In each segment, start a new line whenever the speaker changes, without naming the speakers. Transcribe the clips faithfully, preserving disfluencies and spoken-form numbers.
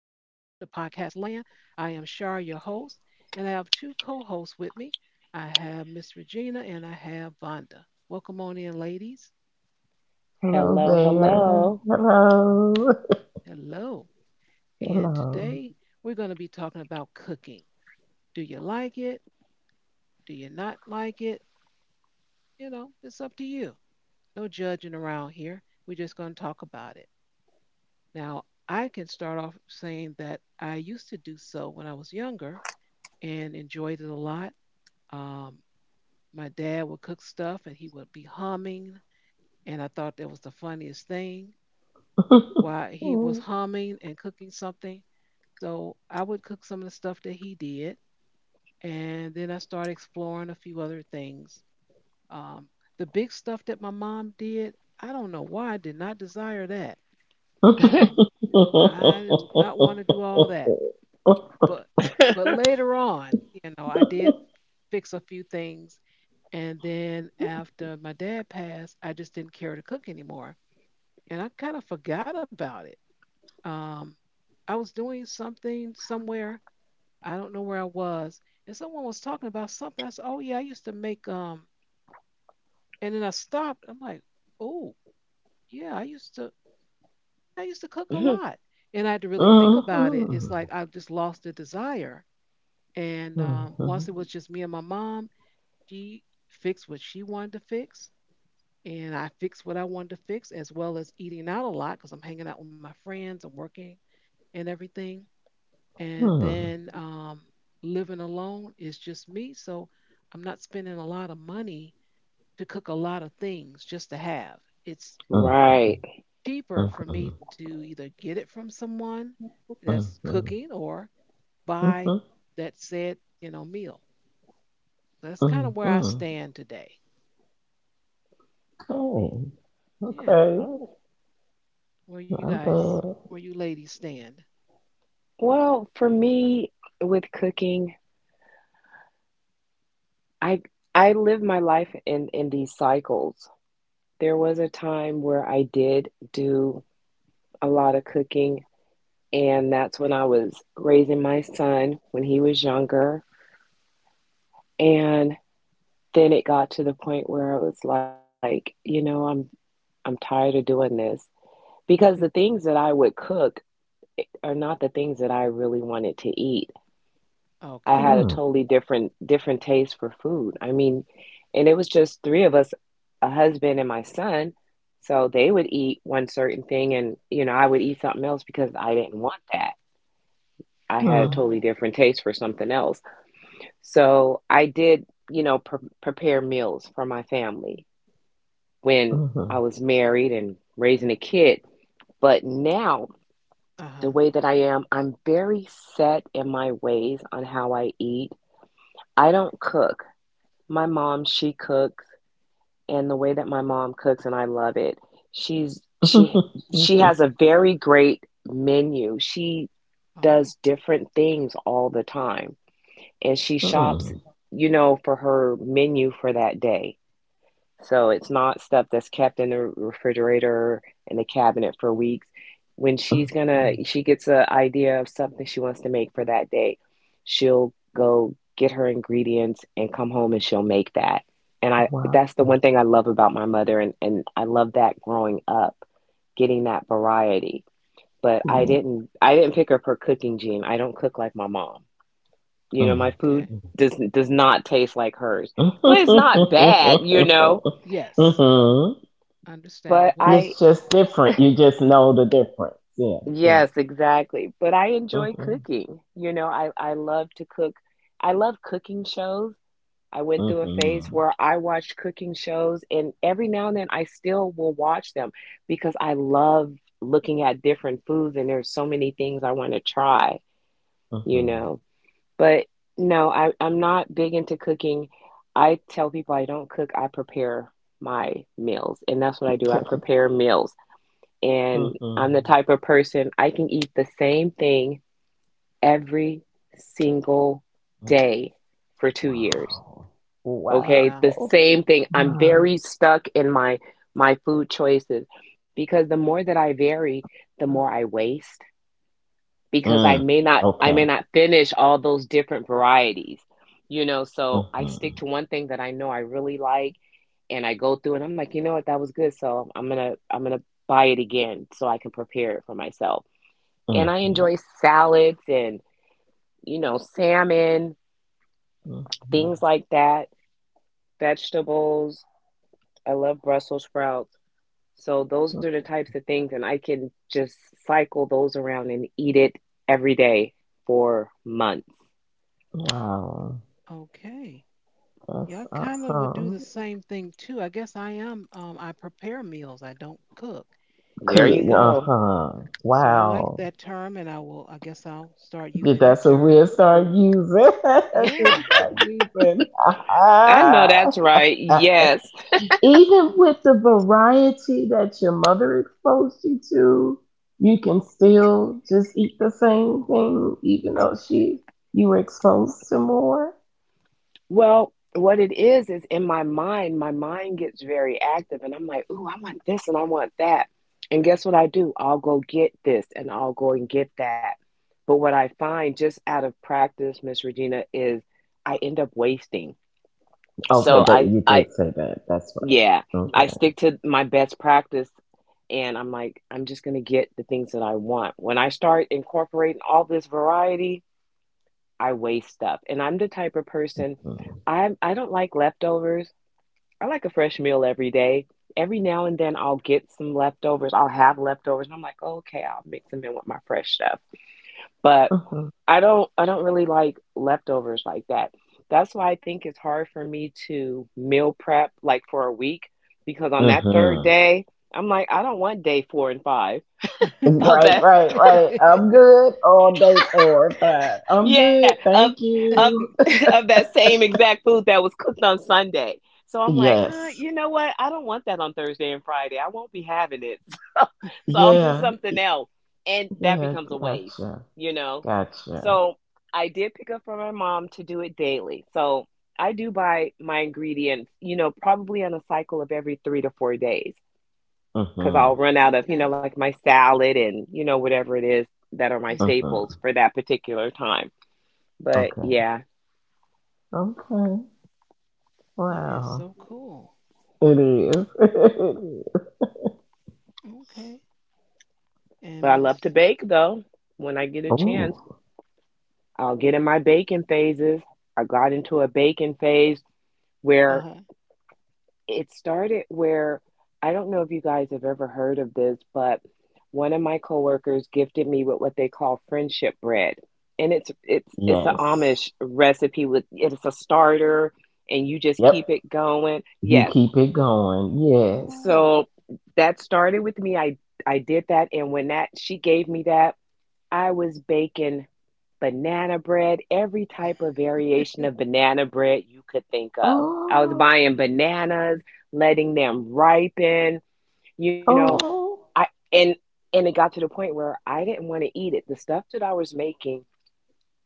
Podcast Land. I am Shar, your host, and I have two co hosts with me. I have Miss Regina and I have Vonda. Welcome on in, ladies.
Hello
Hello,
there.
hello.
Hello.
Hello. And
Hello.
today we're going to be talking about cooking. Do you like it? Do you not like it? You know, it's up to you. No judging around here. We're just going to talk about it. Now, I can start off saying that I used to do so when I was younger and enjoyed it a lot. Um, my dad would cook stuff and he would be humming. And I thought that was the funniest thing while he was humming and cooking something. So I would cook some of the stuff that he did. And then I started exploring a few other things. Um, the big stuff that my mom did, I don't know why I did not desire that. Um, I did not want to do all that. But but later on, you know, I did fix a few things. And then after my dad passed, I just didn't care to cook anymore. And I kind of forgot about it. Um, I was doing something somewhere. I don't know where I was. And someone was talking about something. I said, oh, yeah, I used to make, um, and then I stopped. I'm like, oh, yeah, I used to, I used to cook a
Mhm.
lot. And I had to really think about it. It's like I just lost the desire. And um, once it was just me and my mom, she fixed what she wanted to fix, and I fixed what I wanted to fix, as well as eating out a lot because I'm hanging out with my friends and working and everything. And then um, living alone is just me, so I'm not spending a lot of money to cook a lot of things just to have. It's
Right.
cheaper for me to either get it from someone that's cooking or buy that said you know meal. That's kind of where I stand today.
Okay.
Yeah,
Oh,
Okay.
where you
Not
guys,
bad.
where you ladies stand.
Well, for me with cooking, I I live my life in in these cycles. There was a time where I did do a lot of cooking, and that's when I was raising my son when he was younger. And then it got to the point where I was like, you know, I'm I'm tired of doing this because the things that I would cook are not the things that I really wanted to eat. I had a
Okay.
totally different different taste for food. I mean, and it was just three of us, a husband and my son. So they would eat one certain thing and, you know, I would eat something else because I didn't want that. I had a totally
Oh,
different taste for something else. So I did, you know, pre prepare meals for my family when I was married and raising a kid. But now,
uh-huh.
the way that I am, I'm very set in my ways on how I eat. I don't cook. My mom, she cooks, and the way that my mom cooks, and I love it. She's she she has a very great menu. She
Oh,
does different things all the time, and she shops, you know, for her menu for that day. So it's not stuff that's kept in the refrigerator in the cabinet for weeks. When she's gonna, she gets an idea of something she wants to make for that day, she'll go get her ingredients and come home and she'll make that. And I,
Wow.
that's the one thing I love about my mother, and, and I love that growing up, getting that variety. But I didn't, I didn't pick up her cooking gene. I don't cook like my mom.
Yeah.
You know, my food
okay.
Mm.
does does not taste like hers, but it's not bad, you know
Yes,
Mhm.
but
understandable.
I
It's just different. You just know the difference. Yeah, yeah.
Yes, exactly. But I enjoy
Mhm.
cooking. You know, I, I love to cook. I love cooking shows. I went through a phase
Mhm.
where I watched cooking shows, and every now and then I still will watch them because I love looking at different foods, and there's so many things I want to try, you
Mhm.
know. But no, I, I'm not big into cooking. I tell people I don't cook, I prepare my meals, and that's what I do. I prepare meals. And I'm the
Mhm.
type of person I can eat the same thing every single day for two years.
Wow.
Okay?
Yeah,
The
Wow.
same thing. I'm
Wow.
very stuck in my my food choices because the more that I vary, the more I waste because
yes.
I
Mm.
may not I
Okay.
may not finish all those different varieties. You know, so I stick
Mhm.
to one thing that I know I really like and I go through and I'm like, "You know what? That was good." So, I'm going to I'm going to buy it again so I can prepare it for myself and I
Mhm.
enjoy salads and, you know, salmon,
Mhm.
things like that, vegetables. I love Brussels sprouts. So those are the types of things, and I can just cycle those around and eat it every day for months.
Wow.
Okay. Yeah,
That's
I kind of would do the
awesome.
same thing too. I guess I am, um, I prepare meals, I don't cook.
There
Cause,
you
And
go.
uh-huh.
so I like
Wow.
that term and I will, I guess I'll start
Yeah,
using that
that's what
term.
we'll start using. Just
Yeah.
start using.
I know that's right. Yes.
Even with the variety that your mother exposed you to, you can still just eat the same thing, even though she you were exposed to more.
Well, what it is is in my mind, my mind gets very active and I'm like, ooh, I want this and I want that. And guess what I do? I'll go get this and I'll go and get that. But what I find just out of practice, Miss Regina, is I end up wasting. So
Okay, that
I
you
I
did say that. That's right.
Yeah, I
Okay.
stick to my best practice and I'm like, I'm just gonna get the things that I want. When I start incorporating all this variety, I waste stuff. And I'm the type of person I I don't like leftovers I like a fresh meal every day. Every now and then I'll get some leftovers. I'll have leftovers and I'm like, oh, okay, I'll mix them in with my fresh stuff. But
Mm-hmm.
I don't I don't really like leftovers like that. That's why I think it's hard for me to meal prep like for a week because on that third
Mm-hmm.
day, I'm like, I don't want day four and five of
Right, right, right. I'm good all day four or five. I'm
yeah,
good.
of
Thank
of
you.
of that same exact food that was cooked on Sunday. So I'm like, uh,
Yes.
you know what? I don't want that on Thursday and Friday. I won't be having it. So, so I'll do
Yeah.
something else. And that
Yeah.
becomes a waste,
Gotcha.
you know?
Gotcha.
So I did pick up from my mom to do it daily. So I do buy my ingredients, you know, probably on a cycle of every three to four days because
Mm-hmm.
I'll run out of, you
Okay.
know, like my salad and, you know, whatever it is that are my
Mm-hmm.
staples
Mm-hmm.
for that particular time. But
Okay.
yeah,
Okay.
That is
Wow.
so cool.
It is. It is.
Okay. And
but I love
Miss,
to bake though. When I get a chance,
Oh,
I'll get in my baking phases. I got into a baking phase where
uh-huh.
it started where I don't know if you guys have ever heard of this, but one of my coworkers gifted me with what they call friendship bread. And it's it's it's an
yes.
Amish recipe with it's a starter and you just keep
Yep.
it going.
You
Yes.
keep it going. Yes.
Oh.
So that started with me. I I did that and when that she gave me that I was baking banana bread, every type of variation of banana bread you could think of. I was
Oh,
buying bananas, letting them ripen, you know,
oh.
I and and it got to the point where I didn't want to eat it. The stuff that I was making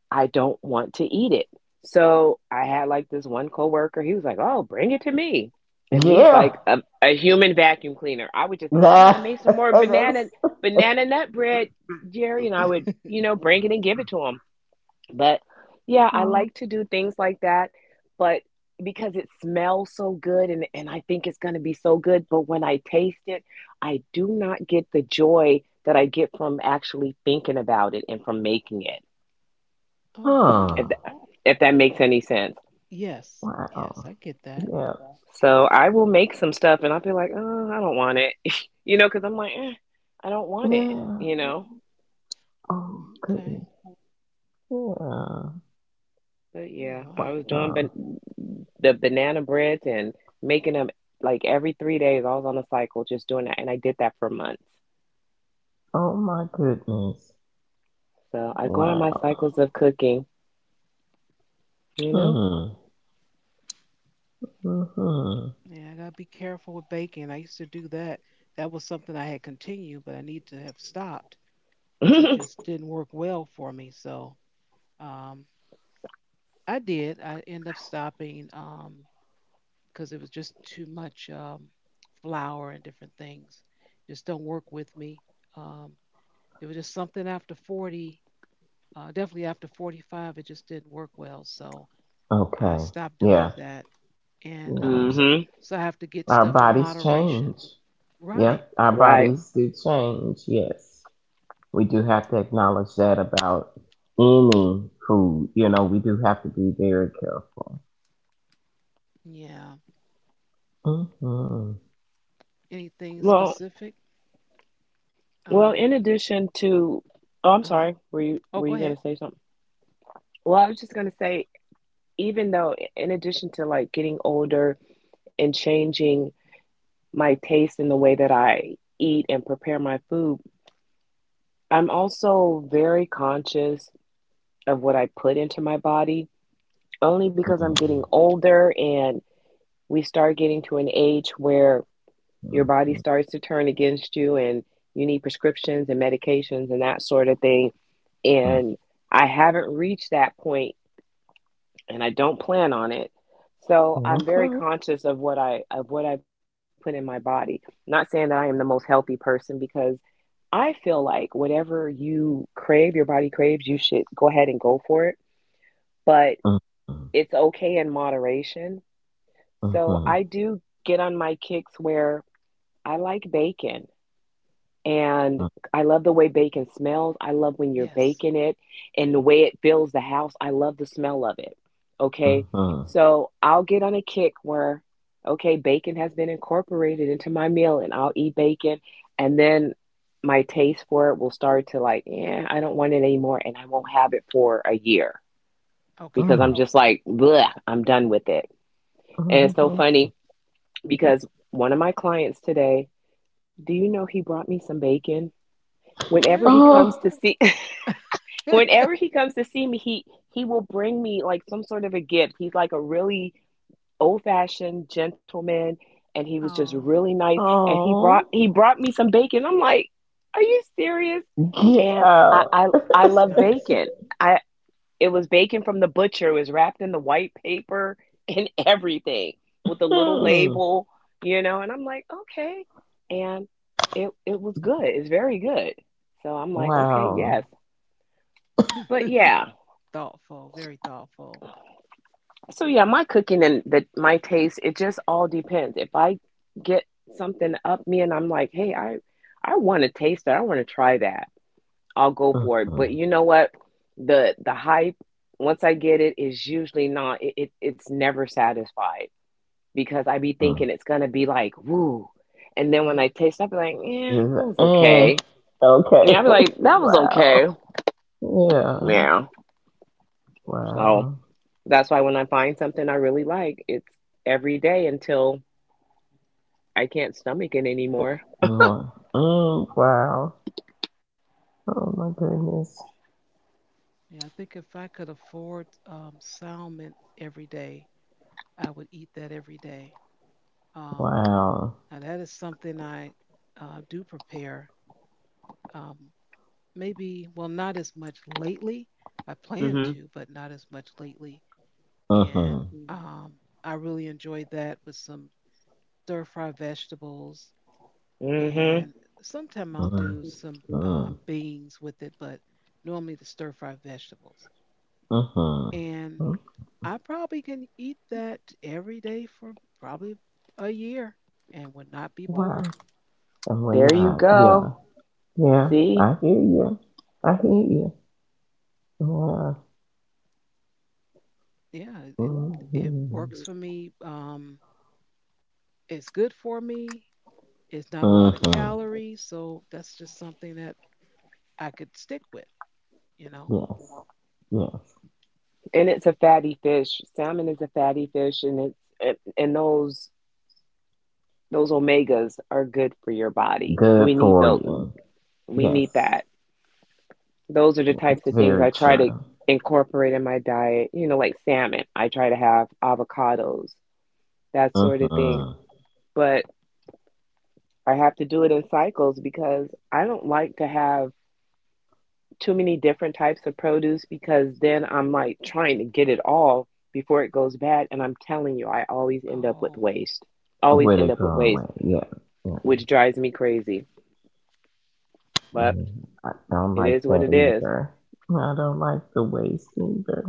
I don't want to eat it. So I had like this one coworker. He was like, "Oh, bring it to me," and he's
Yeah.
like a, a human vacuum cleaner. I would just, "Oh, I
That,
made some more banana
that's,
banana nut bread, Jerry," and I would, you know, bring it and give it to him. But yeah, I
oh,
like to do things like that, but because it smells so good and and I think it's going to be so good, but when I taste it, I do not get the joy that I get from actually thinking about it and from making it
Oh
If
huh.
wow.
if that makes any sense.
Yes. Yes,
Wow.
I get that.
Yeah.
So I will make some stuff and I'll be like, oh, I don't want it, you know, because I'm like, eh, I don't want it,
Yeah.
you know.
Oh,
Okay.
goodness. Yeah.
But
Oh
yeah, I
wow.
was doing
Wow.
ban- the banana breads and making them like every three days. I was on a cycle just doing that, and I did that for months.
Oh, my goodness.
So I go on my
Wow.
cycles of cooking, you know.
Hmm. Mm-hmm.
Yeah, I gotta be careful with baking. I used to do that. That was something I had continued, but I need to have stopped because it just didn't work well for me. So um, I did. I ended up stopping because it was just too much um, flour and different things. Just don't work with me. Um, it was just something after forty. Uh, definitely after forty-five, it just didn't work well. So I
Okay.
stopped
Yeah.
doing that, and
Yeah.
um, so,
hmm
so I have to get
Our
stuff in
bodies
moderation.
change. Yeah,
Right.
our
Right.
bodies do change. Yes, we do have to acknowledge that about any food. You know, we do have to be very careful.
Yeah.
Mm-hmm.
Anything
Well,
specific?
well.
Um. You,
In addition to, oh, I'm
uh-huh.
sorry. Were you
Oh,
were
go
you gonna
ahead.
say something? Well, I was just gonna say even though in addition to like getting older and changing my taste in the way that I eat and prepare my food, I'm also very conscious of what I put into my body only because I'm getting
Mm-hmm.
older and we start getting to an age where your body starts to turn against you and you need prescriptions and medications and that sort of thing and I haven't reached that point and I don't plan on it. So
Mm-hmm.
I'm
Okay.
very conscious of what I of what I put in my body. Not saying that I am the most healthy person because I feel like whatever you crave, your body craves, you should go ahead and go for it, but
Mm-hmm.
it's okay in moderation. So
Mm-hmm.
I do get on my kicks where I like bacon And I love the way bacon smells. I love when you're
Yes.
baking it and the way it fills the house. I love the smell of it. Okay.
Mm-hmm.
So I'll get on a kick where, okay, bacon has been incorporated into my meal and I'll eat bacon. And then my taste for it will start to like, yeah, I don't want it anymore. And I won't have it for a year because
Okay.
I'm just like, bleh, I'm done with it. And it's so
Hmm.
Mm-hmm.
funny because one of my clients today, do you know he brought me some bacon? Whenever he comes
Really?
Oh,
to see whenever he comes to see me he he will bring me like some sort of a gift. He's like a really old fashioned gentleman and he was just really
Oh,
nice and he brought
oh,
he brought me some bacon. I'm like, are you serious?
get
And i
out.
i, I
that's
love
nice.
bacon. It was bacon from the butcher. It was wrapped in the white paper and everything with a little
Mm.
label, you know. And I'm like, okay. And it it was good. It's very good. So I'm like, okay,
Wow.
yes. But yeah.
Thoughtful. Very thoughtful.
So yeah, my cooking and the my taste, it just all depends. If I get something up me and I'm like, hey, I I want to taste that. I want to try that. I'll go for it.
Mm-hmm.
But you know what? The the hype once I get it is usually not it, it it's never satisfied because I be
Mm.
thinking it's gonna be like woo, and then when I
Hmm.
taste, it, I be like,
This
yeah, that was
is- mm.
okay. Yeah,
Okay.
I be like, that was
Wow.
okay.
Yeah.
Yeah, so
Wow.
that's why when I find something I really like, it's every day until I can't stomach it anymore.
Uh, mm, wow. Oh my goodness.
Yeah. I think if I could afford um, salmon every day, I would eat that every day. Um.
Wow.
Now that is something I uh, do prepare. Um, maybe well not as much lately. i plan
Mhm.
to but not as much lately, and
Mm-hmm.
um, I really enjoyed that with some stir fry vegetables
Mhm.
and sometime I'll do some uh,
Mm-hmm.
beans with it, but normally the stir fry vegetables.
Mm-hmm.
And
Mm,
I probably can eat that every day for probably a year and would not be
wow.
bored.
And we're
There you
not. Yeah.
go.
Yeah.
See,
I hear you. I hear you. Yeah.
Yeah, it it
Mm-hmm.
works for me. um, it's good for me. It's not a lot of
Mm-hmm.
calories, so that's just something that I could stick with, you know.
Yes. Yes.
and it's a fatty fish. Salmon is a fatty fish, and it's and and those those omegas are good for your body.
Good
We need
for
those.
you.
We need
Yes.
that. Those are the
It's
types of
very
things I try to
true.
incorporate in my diet. You know, like salmon, I try to have avocados, that sort of thing.
Mm-hmm.
But I have to do it in cycles because I don't like to have too many different types of produce because then I'm like trying to get it all before it goes bad. And I'm telling you, I always end up with
Oh,
waste. Always
Where they
end up with
going
waste,
with? Yeah. Yeah.
which drives me crazy. But
Yeah, I don't
it
like
is what
that
it is.
either. I don't like the waste either.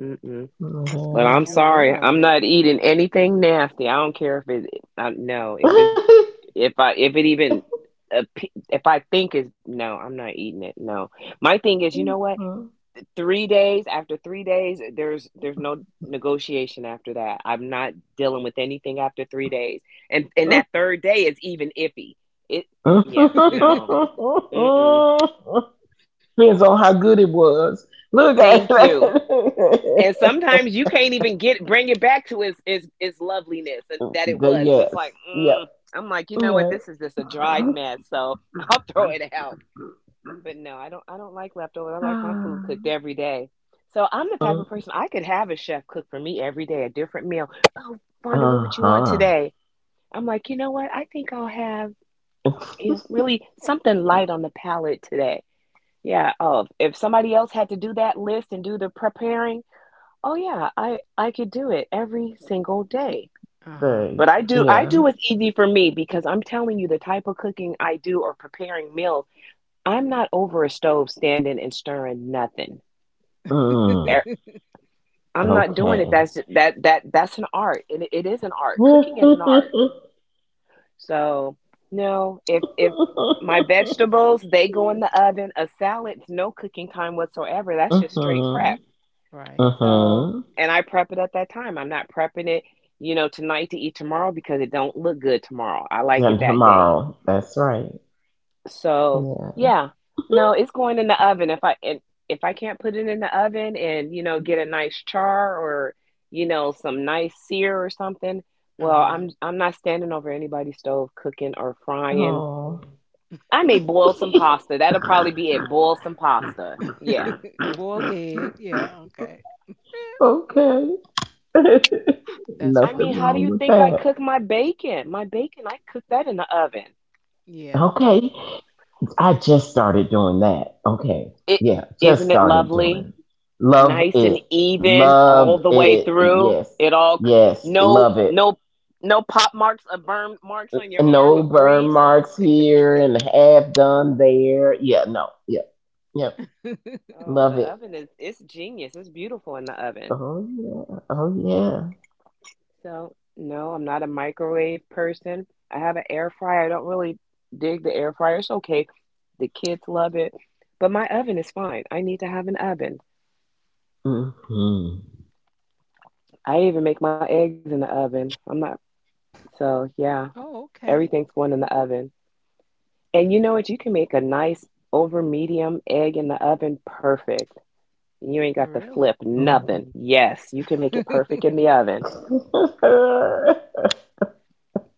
Mm-mm.
that's
But
good.
I'm
You're aware
sorry,
of
I'm
it.
not eating anything nasty. I don't care if it. I, no, if it's if I if it even appe- if I think is no, I'm not eating it. No, my thing is, you know what?
Yeah.
Three days, after three days, there's there's no negotiation after that. I'm not dealing with anything after three days, and and that third day is even iffy. It, yeah, no. Mm-mm.
Depends on how good it was. Look at
Thank you. And
it.
sometimes you can't even get bring it back to its its, its loveliness that it
The
was. And it's like,
yes.
mm.
Yep.
I'm like, you know what?
Yeah.
This is just a dried mess. So I'll throw it out. But no, I don't. I don't like leftovers. I like my food cooked every day. So I'm the type of person I could have a chef cook for me every day a different meal. Oh, Fonda,
Uh
what would you want
huh.
today? I'm like, you know what? I think I'll have, you know, really something light on the palate today. Yeah. Oh, if somebody else had to do that list and do the preparing. Oh yeah, I I could do it every single day.
Uh-huh.
Thanks.
But I do I
Yeah.
do what's easy for me because I'm telling you the type of cooking I do or preparing meals, I'm not over a stove standing and stirring nothing.
Mm,
Er- I'm not doing it.
okay.
That's that that that's an art. And it, it is an art. Cooking is an art. So, no, if if my vegetables, they go in the oven, a salad's no cooking time whatsoever. That's just straight
Mm-hmm.
prep.
Right.
So,
Mm-hmm.
and I prep it at that time. I'm not prepping it, you know, tonight to eat tomorrow because it don't look good tomorrow. I like
Then
it that day.
tomorrow. That's right.
So,
Yeah.
yeah. No, it's going in the oven. If I and if I can't put it in the oven and, you know, get a nice char or, you know, some nice sear or something, well,
Uh-huh.
I'm I'm not standing over anybody's stove cooking or frying.
Oh.
I may boil some pasta. That'll probably be it. Boil some pasta. Yeah.
Boiled egg. Yeah, okay.
okay.
That's
I mean,
funny.
Nothing
how do
wrong
you
with
think I
that.
cook my bacon? My bacon, I cook that in the oven.
Yeah.
Okay. I just started doing that. Okay.
It,
Yeah. Just
isn't it
started doing
lovely,
it. Love
nice and
it.
even
Love
all the way
it.
through.
Yes.
It all c-
Yes.
no
Love it.
no no pop marks or burn marks on your arm
No
of
burn
grease.
marks here and half done there. Yeah. No. Yeah. Yep.
Oh, the
Love it.
oven is, it's genius. It's beautiful in the oven.
Oh yeah. Oh yeah.
So no, I'm not a microwave person. I have an air fryer. I don't really dig the air fryer. It's okay. The kids love it. But my oven is fine. I need to have an oven.
Mm-hmm.
I even make my eggs in the oven. I'm not so yeah,
Oh, okay.
everything's going in the oven. And you know what? You can make a nice over medium egg in the oven perfect. You ain't
Oh,
got to
really?
flip
Oh,
nothing. Yes, you can make it perfect in the oven.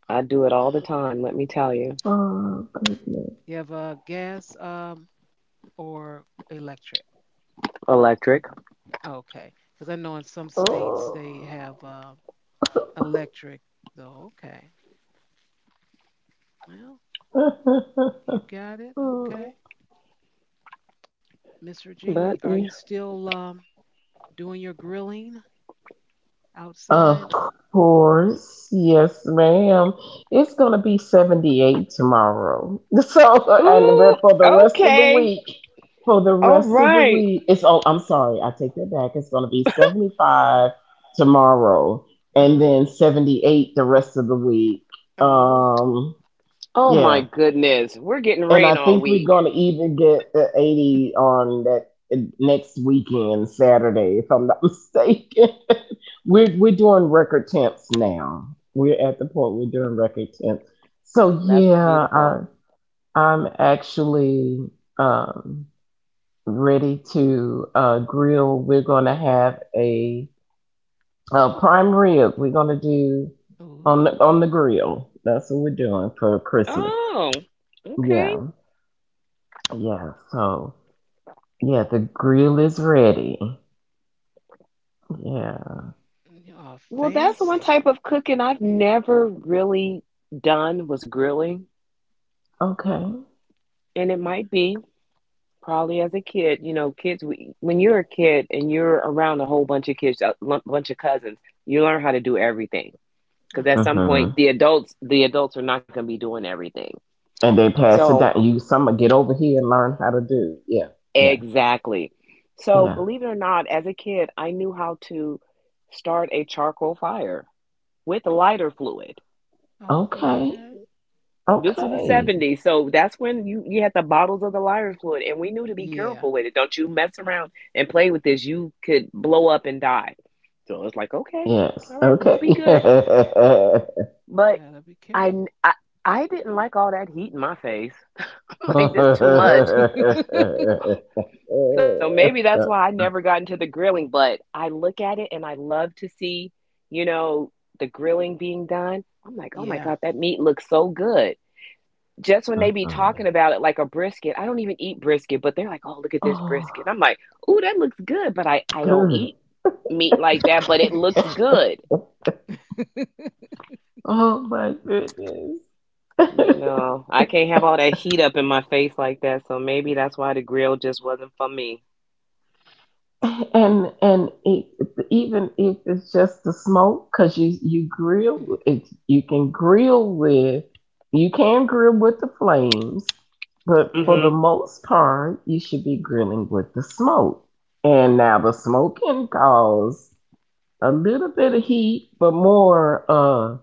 I
Oh,
do it all the time, let me tell you.
oh goodness.
you have a gas um or electric?
Electric.
Okay, because I know in some states
Oh.
they have uh, electric. So okay, well you got it. Okay, Miss
But
Regina,
yeah.
are you still um doing your grilling
Of
outside?
course. Yes, ma'am. It's going to be seventy-eight tomorrow. So, and re-
Ooh,
for the rest of the
okay.
week, for the
Uh
All
rest of the
right.
week, it's, oh, I'm sorry. I take that back. It's going to be seventy-five tomorrow and
huh.
then seventy-eight the rest of the week.
Oh,
Um,
Oh my
Yeah.
goodness. We're getting
And I
rain all
think we're gonna
week.
even get the eighty on that next weekend, Saturday, if I'm not mistaken. we're we're doing record temps now. We're at the point we're doing record temps. So
That's
yeah, I,
beautiful.
I'm actually um, ready to uh, grill. We're gonna have a, a prime rib. We're gonna do on the
ooh,
on the grill. That's what we're doing for Christmas.
Oh, okay.
Yeah, yeah. So yeah, the grill is ready. Yeah.
you are
Well, that's one
fancy.
type of cooking I've never really done was grilling.
Okay.
And it
Yeah.
might be. Probably as a kid, you know, kids, we, when you're a kid and you're around a whole bunch of kids, a l- bunch of cousins, you learn how to do everything.
Uh
Because at
huh.
some point,
Hmm.
the adults, the adults are not going to be doing everything.
And they pass it
So,
down. You some get over here and learn how to do. Yeah. Yeah.
exactly. So,
Yeah.
believe it or not, as a kid, I knew how to start a charcoal fire with lighter fluid.
Oh,
Okay.
okay.
This was the
Okay.
seventies. So that's when you, you had the bottles of the lighter fluid, and we knew to be
Yeah,
careful with it. Don't you mess around and play with this. You could blow up and die. So it's like, okay,
Yes.
all right, we'll be
Okay.
good. But
gotta be
I,
careful.
I, I didn't like all that heat in my face. like, this too much. So maybe that's why I never got into the grilling, but I look at it and I love to see, you know, the grilling being done. I'm like, oh my
Yeah.
God, that meat looks so good. Just when they be
Mhm.
talking about it like a brisket, I don't even eat brisket, but they're like, "Oh, look at this brisket."
Oh,
I'm like, "Ooh, that looks good," but I I don't
good.
eat meat like that, but it looks good.
Oh my goodness.
But no, I can't have all that heat up in my face like that, so maybe that's why the grill just wasn't for me.
And and it, even if it's just the smoke, because you you grill
Mhm.
it, you can grill with, you can grill with the flames, but for
Okay.
the
Mhm.
most part, you should be grilling with the smoke. And now the smoke can cause a little bit of heat, but more uh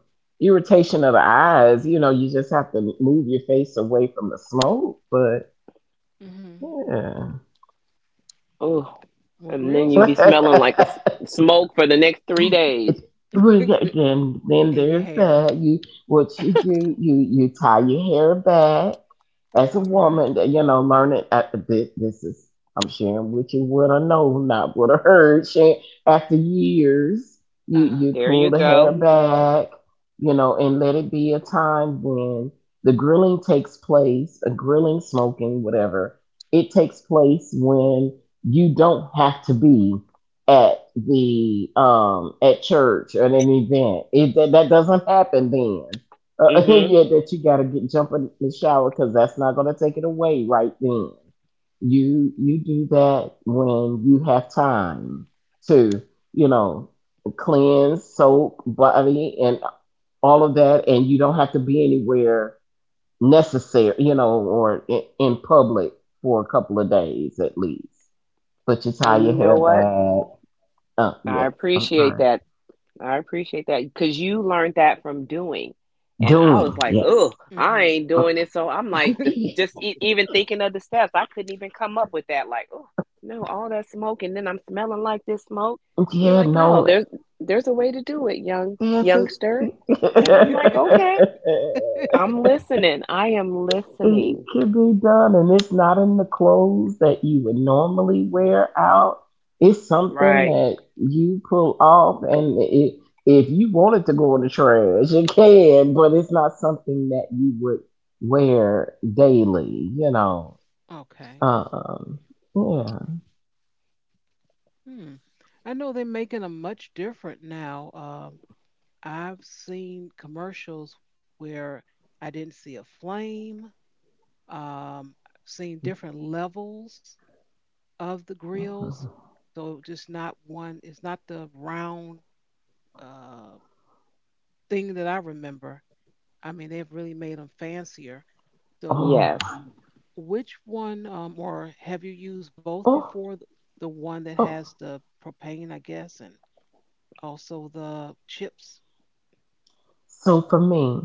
irritation of the eyes. You know, you just have to move your face away from the smoke. But
Hmm.
Oh,
Well,
and then you
grills
be
have
smelling like a s-
yeah.
smoke for the next three days.
It- well, yeah, then then
in your
there's
hair.
that. You what you do, you you tie your hair back as a
All right.
woman, that, you know, learning at the bit. This is I'm sharing with you what I know, not what I heard. Share after years, you
Uh huh.
you
There you
pull the hair
go.
back, you know, and let it be a time when the grilling takes place, a grilling, smoking, whatever. It takes place when you don't have to be at the um at church or at an event. It that, that doesn't happen then uh,
Mhm.
yeah, that you gotta get jump in the shower because that's not gonna take it away right then. You you do that when you have time to, you know, cleanse, soak, body, and all of that, and you don't have to be anywhere necessary, you know, or in, in public for a couple of days at least. But you tie
And you
your
know
hair
what?
back. Uh,
I
yes, I'm
appreciate
sorry.
that. I appreciate that because you learned that from doing. And I was
Doing,
like, oh,
yes.
I
Hmm.
ain't
Uh,
doing it. So I'm like, the, just e- even thinking of the steps, I couldn't even come up with that. Like, oh, no, all that smoke, and then I'm smelling like this smoke. You're
yeah,
like, no,
no.
there's there's a way to do it, young
Yes, it
youngster. And I'm like, okay, I'm listening. I am
can
listening.
be done and it's not in the clothes that you would normally wear out. It's something
Right.
that you pull off and it, if you wanted to go in the trash you can, but it's not something that you would wear daily, you know.
Okay.
um yeah.
Hmm. I know they're making them much different now. Um, I've seen commercials where I didn't see a flame. Um, I've seen different levels of the grills. So just not one. It's not the round uh, thing that I remember. I mean, they've really made them fancier. So,
Oh
Yes.
my.
which one, um, or have you used both
Oh,
before? The, the one that
oh.
has the propane, I guess, and also the chips.
So for me,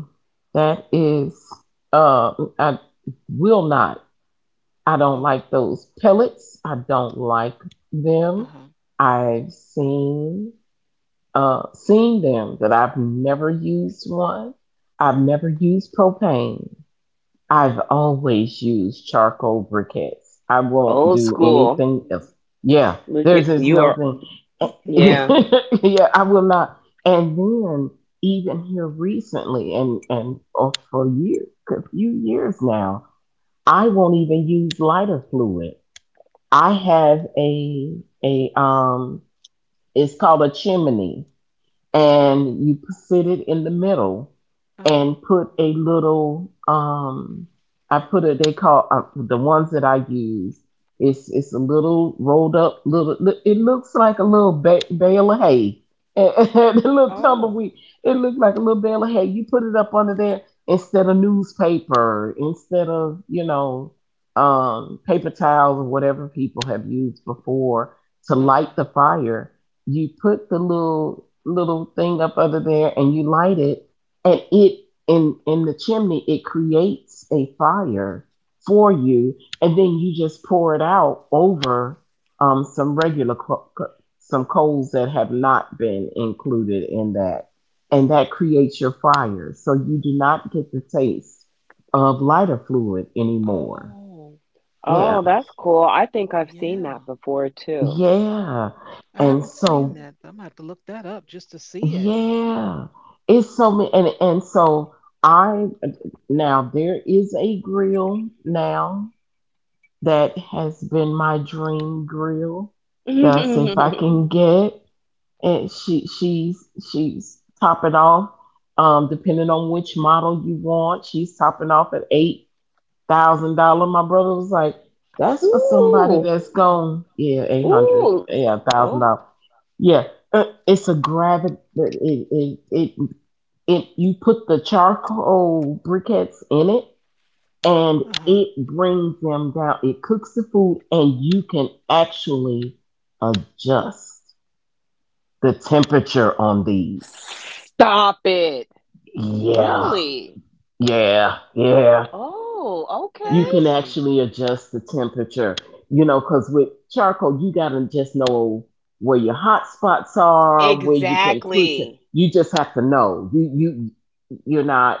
that is, um, I will not. I don't
Oh,
like those pellets. I don't like
uh
them.
huh,
I've seen uh seen them but I've never used one. I've never used propane. I've always used charcoal briquettes. I won't
Old
do
school.
anything else. Yeah,
Look at
there's just
you
no
are.
thing.
Yeah.
Yeah, I will not. And then even here recently, and and or for years, a few years now, I won't even use lighter fluid. I have a a um it's called a chimney and you sit it in the middle
uh huh.
and put a little um I put a. They call uh, the ones that I use it's it's a little rolled up little li- it looks like a little ba- bale of hay and, and a little
Oh,
tumbleweed. It looks like a little bale of hay. You put it up under there instead of newspaper, instead of you know um paper towels or whatever people have used before to light
okay.
the fire. You put the little little thing up under there and you light it, and it in in the chimney it creates a fire for you. And then you just pour it out over um some regular co- co- some coals that have not been included in that, and that creates your fire so you do not get the taste of lighter fluid anymore.
Oh,
Yeah,
Oh, that's cool. I think I've seen that
yeah.
before too.
yeah.
I
And
haven't seen
so
that, but I'm gonna have to look that up just to see it.
yeah, it's so many, and and so I now there is a grill now that has been my dream grill. That's if I
Ooh,
can get, and she she's she's topping off. Um, depending on which model you want, she's topping off at eight thousand dollar. My brother was like, "That's for somebody
ooh.
that's gone, yeah, eight hundred, yeah, thousand
Oh,
dollars." Yeah, uh, it's a gravity. It, it, it, it you put the charcoal briquettes in it, and
Uh huh.
it brings them down. It cooks the food, and you can actually adjust the temperature on these.
stop it.
Yeah,
Really?
yeah, yeah.
Oh,
You
okay.
can
Fancy.
actually adjust the temperature, you know, because with charcoal, you got to just know where your hot spots are, where you can put it.
Exactly.
You just have to know. You, you, you're not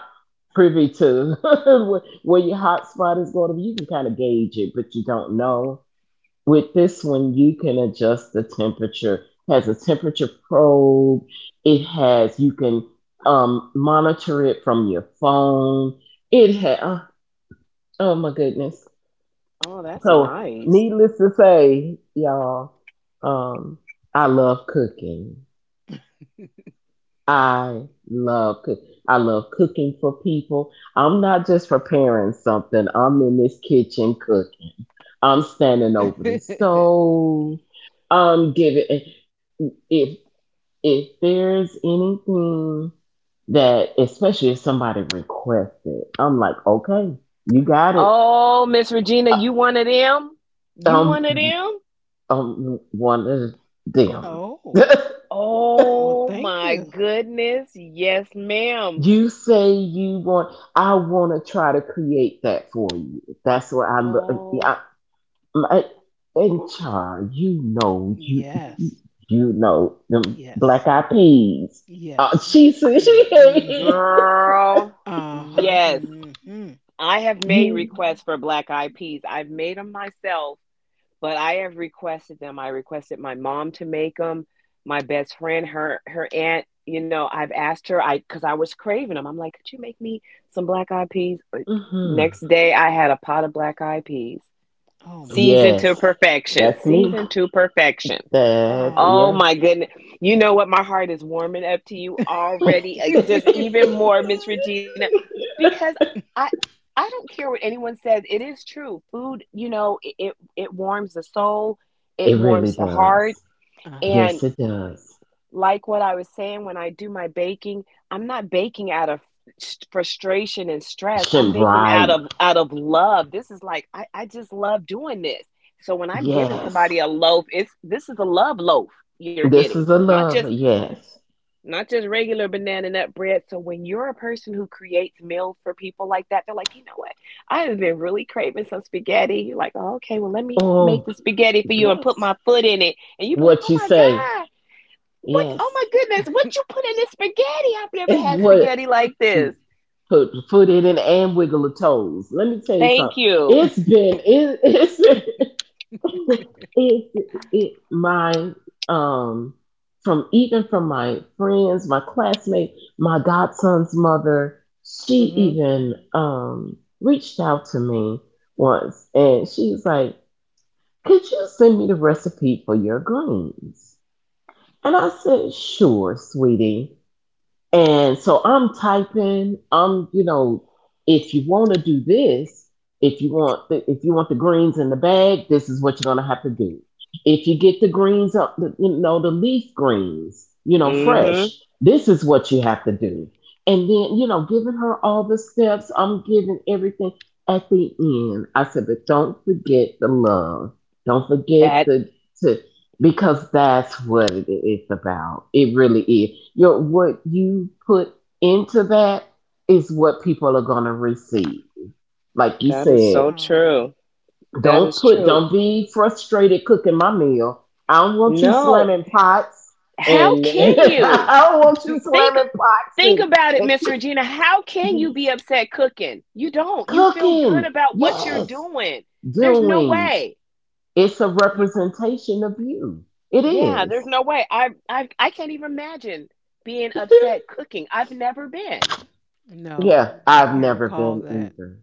privy to where where your hot spot is going to be. You can kind of gauge it, but you don't know. With this one, you can adjust the temperature. Has a temperature probe. It has, you can um, monitor it from your phone. It has, oh, oh my goodness.
Oh, that's
So,
nice.
needless to say, y'all, um, I love cooking. I love cooking. I love cooking for people. I'm not just preparing something. I'm in this kitchen cooking. I'm standing over the stove. I'm giving. If if there's anything that, especially if somebody requests it, I'm like, okay, you got it.
Oh, Miss Regina,
Uh,
you one of them? You one of
Um,
them?
um one of them.
Oh, well,
Oh
thank
my
you.
goodness. Yes, ma'am.
You say you want. I want to try to create that for you. That's what I look.
Oh,
I, my, and child, you know, you you
Yes,
you know them black
yes,
eyed peas. Uh,
yes.
she said
y-
Uh,
she.
huh.
girl.
Uh-huh.
Yes.
Mm-hmm.
I have made
You.
requests for black eyed peas. I've made them myself, but I have requested them. I requested my mom to make them. My best friend, her her aunt, you know, I've asked her. I, because I was craving them. I'm like, could you make me some black eyed peas? Uh,
Hmm.
Next day, I had a pot of black eyed peas,
Oh my
seasoned to
Yes,
goodness.
perfection,
that's me.
seasoned to perfection.
That
Oh
yes.
my
Oh.
goodness. You know what? My heart is warming up to you already. uh, Just even more, Miss Regina, because I I don't care what anyone says. It is true. Food, you know, it it, it warms the soul, it
It really
warms the heart.
does.
Uh-huh.
Yes,
And
it does.
like what I was saying, when I do my baking, I'm not baking out of s- frustration and stress. I'm
Shem-
baking out
right.
of out of love. This is like I, I just love doing this. So when I'm giving
Yes.
somebody a loaf, it's, this is a love loaf you're
This
getting,
is a
not just
love. Yes.
not just regular banana nut bread. So when you're a person who creates meals for people like that, they're like, you know what? I have been really craving some spaghetti. You're like, oh, okay, well let me make
Oh,
the spaghetti for you and put
yes.
my foot in it, and you be like,
What
oh
you
my
say?
god. What? Oh
Yes.
my goodness! What you put in this spaghetti? I've never
And
had
you
spaghetti
what?
like this.
Put foot in it and wiggle the toes. Let me tell you
Thank
something.
you.
It's been it, it's been it's it my um from even from my friends, my classmates, my godson's mother. She
Mhm.
even um reached out to me once, and she was like. Could you send me the recipe for your greens? And I said, sure, sweetie. And so I'm typing, I'm, you know, if you want to do this, if you want the, if you want the greens in the bag, this is what you're going to have to do. If you get the greens up, the- you know, the leaf greens, you know,
Hmm.
Mhm.
fresh, this is what you have to do. And then, you know, giving her all the steps, I'm giving everything at the end. I said, but don't forget the love. Don't forget
That
the to because that's what it is about. It really is. Your what you put into that is what people are gonna receive. Like you
that is
said,
so true.
Oh.
That
don't
is
put,
true.
don't be frustrated cooking my meal. I don't want you
No.
slamming pots,
How
and
can you
I don't want you
think?
slamming pots
Think
and,
about it,
and
Miss Regina. How can you be
yes,
upset cooking? You don't. You feel good
cooking.
about what you're
Yes,
doing. There's
Hmm.
no
doing.
way.
It's a
Y-
representation of you. It
Yeah, there's
is.
no way. I I I can't even imagine being upset cooking. I've never been.
No,
Yeah,
I
I've
can't
never
recall
been
that.
either.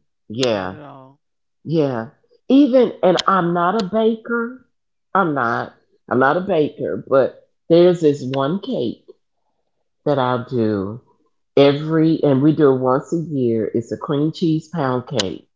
Not
Yeah,
at all.
yeah. Even, and I'm not a baker. I'm not. I'm not a baker, but there's this one cake that I'll do every, and we do it once a year. It's a cream cheese pound cake.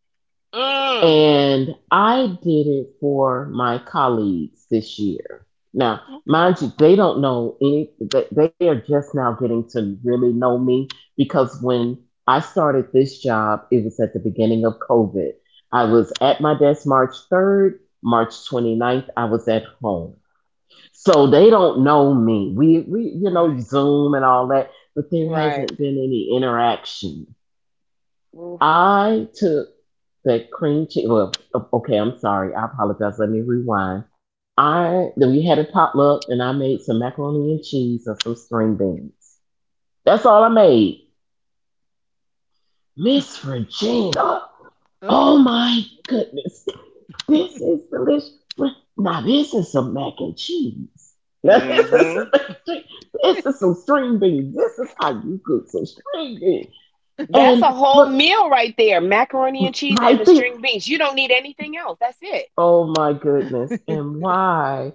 Mm.
And I did it for my colleagues this year. Now,
Okay.
mind you, they don't know any, they they are just now getting to really know me because when I started this job, it was at the beginning of COVID. I was at my desk March third, March 29th, I was at home. So they don't know me. We, we, you know,
Right.
Zoom and all that, but there
Right.
hasn't been any interaction.
Oof.
I took that cream cheese. Well, o- okay, I'm sorry. I apologize. Let me rewind. I then We had a potluck, and I made some macaroni and cheese and some string beans. That's all I made. Miss Regina. Oh
Uh-oh.
my goodness. This is delicious. Now this is some mac and cheese. Now this is some
Hmm.
mac and cheese. This is some string beans. This is how you cook some string beans.
That's
And
a whole
look
meal right there. Macaroni and cheese and the
right there.
string beans. You don't need anything else. That's it.
Oh my goodness. And why?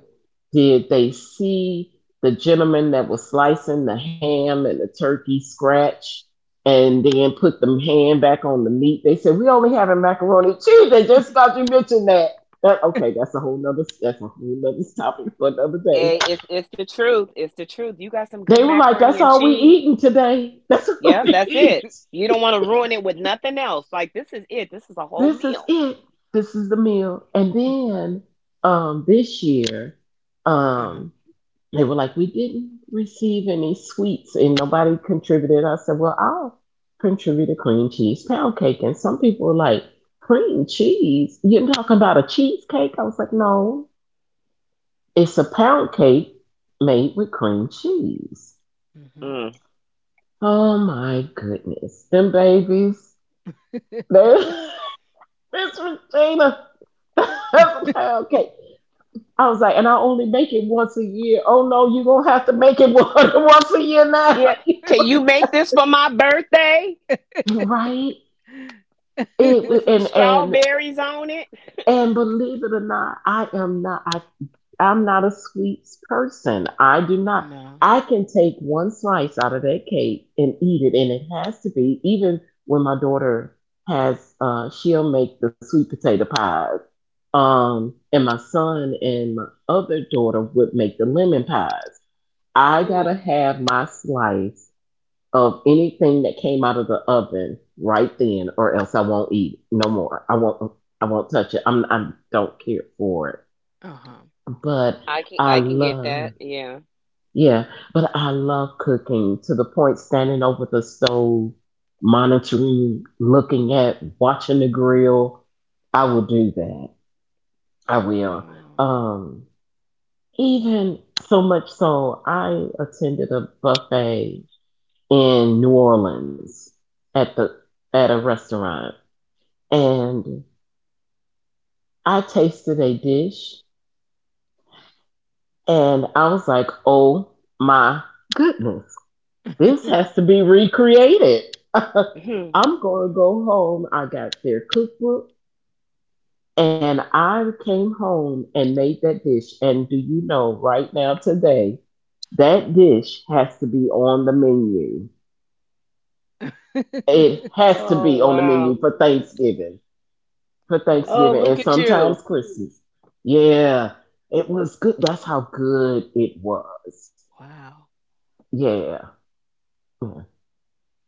Did they see the gentleman that was slicing the ham and the turkey scratch and then put the ham back on the meat? They said, "We only having macaroni and cheese." They just thought you mentioned that. That- okay, that's a whole nother, that's a whole nother topic for another day.
Hey, it's it's the truth. It's the truth. You got some good
They were like,
macaroni
"That's
and
all we
cheese.
eating today. That's all
Yep,
we
that's it.
eat."
You don't want to ruin it with nothing else. Like this is it. This is a whole
This is
meal.
it. This is the meal. And then um this year,
Uh-huh.
um they were like, "We didn't receive any sweets and nobody contributed." I said, "Well, I'll contribute a cream cheese pound cake." And some people were like, "Cream cheese? You're talking about a cheesecake?" I was like, "No, it's a pound cake made with cream cheese."
Hmm.
Mm.
Oh my goodness. Them babies. They, Miss Regina. That's a pound cake. I was like, and I only make it once a year. Oh no, you're going to have to make it once a year now.
Yeah. Can you make this for my birthday
Right? it
with some
and and
strawberries on it?
and believe it or not, i am not i i'm not a sweets person. i do not
No.
i can take one slice out of that cake and eat it, and it has to be even when my daughter has uh she'll make the sweet potato pies, um and my son and my other daughter would make the lemon pies. I
Ooh,
gotta have my slice of anything that came out of the oven right then, or else I won't eat it no more. I won't. I won't touch it. I'm. I don't care for it.
Uh-huh.
But
I can I
I
can get that.
love.
Yeah.
Yeah, but I love cooking to the point, standing over the stove, monitoring, looking at, watching the grill. I will do that. I will.
Oh.
Um, Even so much so, I attended a buffet in New Orleans at the at a restaurant and I tasted a dish and I was like, "Oh my goodness. This has to be recreated."
Mhm.
I'm going to go home. I got their cookbook and I came home and made that dish, and do you know right now today that dish has to be on the menu. It has to
Oh
be on the menu
wow.
for Thanksgiving, for
Oh,
Thanksgiving
Okay.
and
look at
sometimes
you.
Christmas. Yeah, it was good. That's how good it was.
Wow.
Yeah.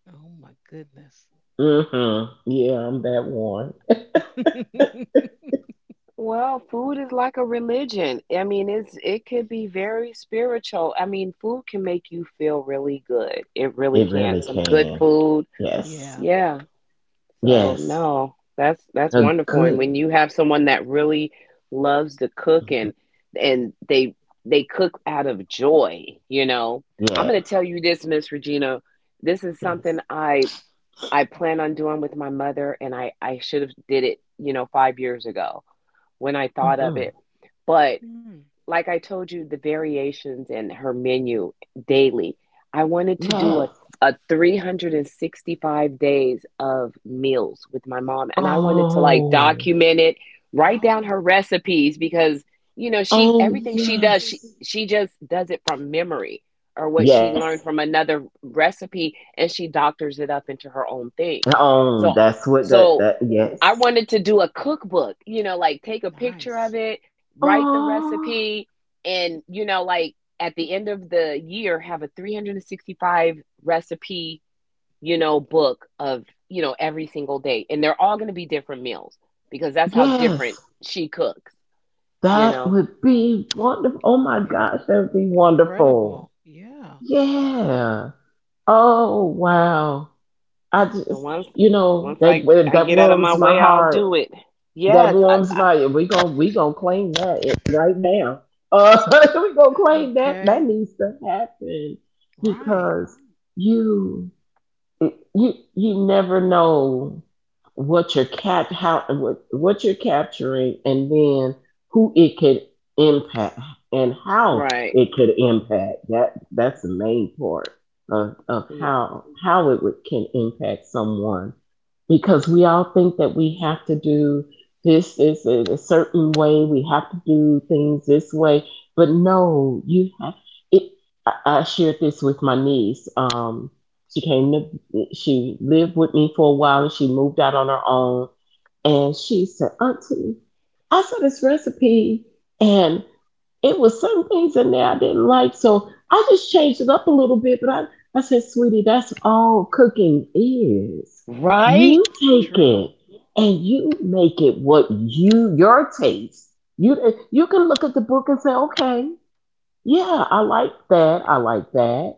Oh my goodness.
Mm-hmm. Yeah, I'm that one.
Well, food is like a religion. I mean, it's it could be very spiritual. I mean, food can make you feel really good. It really
It
can.
really
Some good
can.
food.
Yes.
Yeah.
Yeah. So,
Yes.
no. That's that's
A
wonderful. And when
good.
you have someone that really loves to cook, and and they they cook out of joy, you know. I'm
Yeah.
going to tell you this, Miss Regina. This is
Yes.
something I I plan on doing with my mother, and I I should have did it, you know, five years ago when I thought of
Mm-hmm.
it. But
Hmm.
like I told you, the variations in her menu daily. I wanted to do
Yes.
a, a three hundred sixty-five days of meals with my mom, and I wanted to like
Oh.
document it, write down
Oh,
her recipes because you know she
Oh,
everything she does she
yes.
she just does it from memory, or what she
Yes.
learned from another recipe, and she doctors it up into her own thing.
Oh,
So
that's what that,
uh,
so
that,
I
yes.
wanted to do a cookbook, you know, like take a picture of
nice.
it, write the
Oh,
recipe, and you know like at the end of the year have a three hundred sixty-five recipe you know book of you know every single day, and they're all going to be different meals because that's how
yes.
different she cooks you
That
know
would be wonderful. Oh my
It
gosh,
w-
that would be wonderful.
Incredible. Yeah.
Yeah. Oh wow. I
so
just,
once
you know,
once i
that
i
that
get out of my
warms my
way, I'll
heart.
do it.
That
Yes. I,
warms
I,
my. We going, we gonna claim that it- right now. Uh, we gonna
Uh,
claim that.
okay.
That needs to happen
Right.
because you it, you you never know what you're cap how what, what you're capturing, and then who it could impact and how
right.
it could impact, that that's the main part of, of
Yeah.
how how it would, can impact someone because we all think that we have to do this this in a certain way, we have to do things this way, but no, you have it. i, I shared this with my niece. Um she came to. She lived with me for a while and she moved out on her own. And she said, "Auntie, I saw this recipe and it was certain things in there I didn't like. So I just changed it up a little bit. But I, I said, "Sweetie, that's all cooking is. You
Right,
take it
True.
and you make it what you, your taste. You, you can look at the book and say, okay, yeah, I like that. I like that,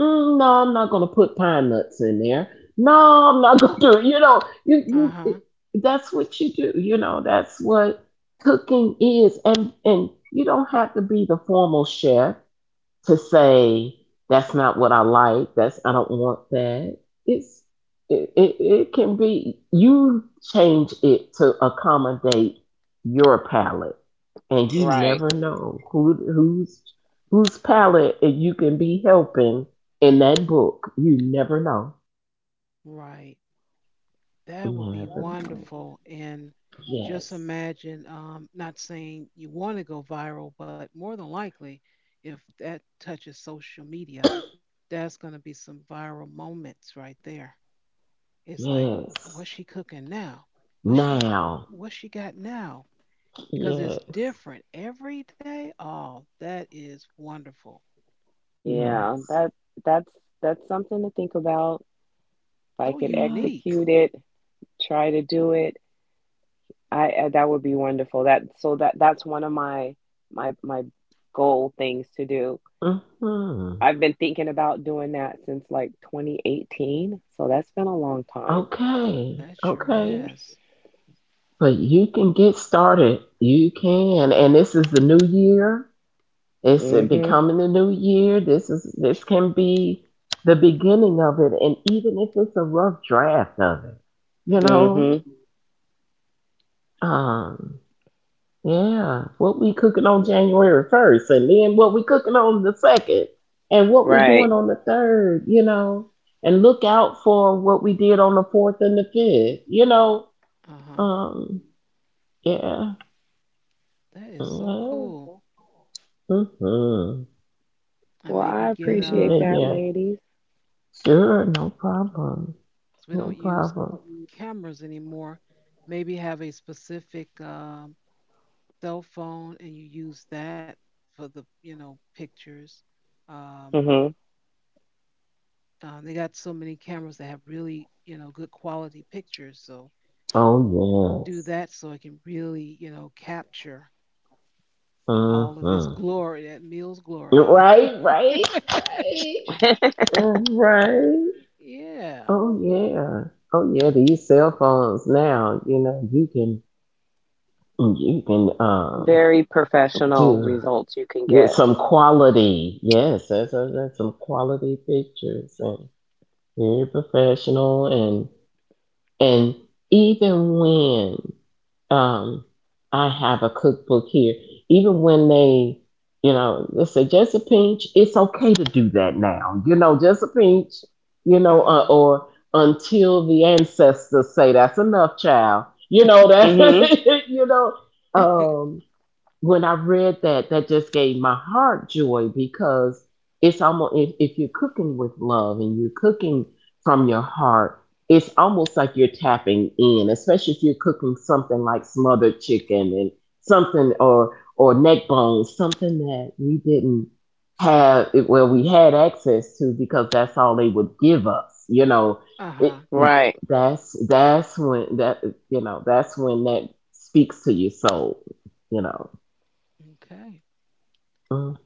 mm, no, I'm not gonna put pine nuts in there. No, I'm not gonna do it. You know, you
Uh
you it,
huh.
that's what you do. You know, that's what cooking is, and and you don't have to be the formal chef to say that's not what I like. That's, I don't want that. It's it, it, it can be you change it to accommodate your palate, and you
right.
never know who who's whose palate you can be helping in that book. You never know.
Right.
You
That would be
never know.
wonderful. And just
Yes.
imagine, um, not saying you want to go viral, but more than likely, if that touches social media, that's going to be some viral moments right there. It's like,
Yes.
what's she cooking now? What's she,
Now.
what's she got now? Because it's
Yes.
different every day. Oh, that is wonderful.
Yeah.
Yes.
That that's that's something to think about if I
So
could
Yes.
unique.
execute it, try to do it. I uh, That would be wonderful. That so that that's one of my my my goal things to do.
Hmm.
I've been thinking about doing that since like twenty eighteen, so that's been a long time.
Okay.
That sure
Okay.
has.
But you can get started. You can. And this is the new year. It's
Mhm.
becoming the new year. This is, this can be the beginning of it. And even if it's a rough draft of it, you
Uh-huh.
know,
Mhm.
um, yeah, what we cooking on January first and then what we cooking on the second and what we
Right.
doing on the third, you know, and look out for what we did on the fourth and the fifth, you know,
Uh-huh.
um, yeah,
That is so
yeah.
cool.
Mm-hmm.
And
Well,
maybe
I
get
Yeah,
appreciate
um
that,
yeah.
ladies.
Sure, no problem.
so we
No
don't use
problem.
cameras anymore. Maybe have a specific um cell phone and you use that for the, you know, pictures. Um
Mhm.
uh, they got so many cameras that have really, you know, good quality pictures. So
Oh,
do
yes.
that so it can really, you know, capture all of its
Mm-hmm.
glory, that meal's glory.
Right, right, right. Uh, Right.
Yeah.
Oh, yeah. Oh, yeah, these cell phones now, you know, you can, you can, um,
Very professional
do
results you can
with
get.
some quality. Yes, that's, that's that's some quality pictures and very professional, and, and even when um, I have a cookbook here. Even when they, you know, they say just a pinch, it's okay to do that now. You know, just a pinch, you
Uh
know, uh,
huh.
or until the ancestors say that's enough, child. You know
Mhm.
that, you know. um, when I read that, that just gave my heart joy because it's almost if, if you're cooking with love and you're cooking from your heart, it's almost like you're tapping in, especially if you're cooking something like smothered chicken and something, or or neck bones, something that we didn't have, well we had access to because that's all they would give us, you know. It,
Uh-huh.
Right.
that's that's when that, you know, that's when that speaks to your soul, you know.
Okay.
Mhm.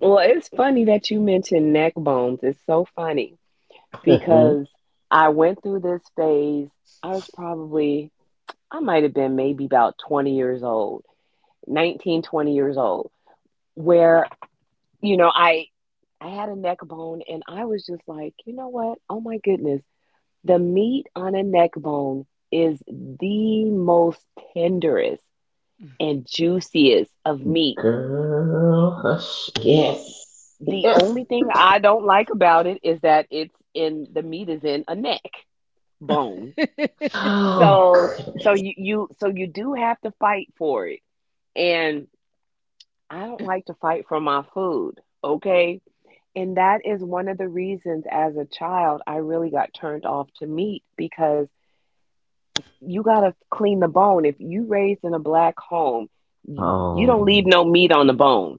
Well, it's funny that you mentioned neck bones. It's so funny because I went through this phase. I was probably I might have been maybe about twenty years old, nineteen, twenty years old, where, you know, I I had a neck bone and I was just like, you know what? Oh my goodness. The meat on a neck bone is the most tenderest
Mhm.
and juiciest of meat.
Girl, hush. Yes.
The
Yes.
only thing I don't like about it is that it's in the meat is in a neck bone.
Oh,
So so
good.
you, you so you do have to fight for it. And. I don't like to fight for my food, okay? And that is one of the reasons as a child I really got turned off to meat because you got to clean the bone. If you raised in a black home, y- you don't
Oh,
leave no meat on the bone.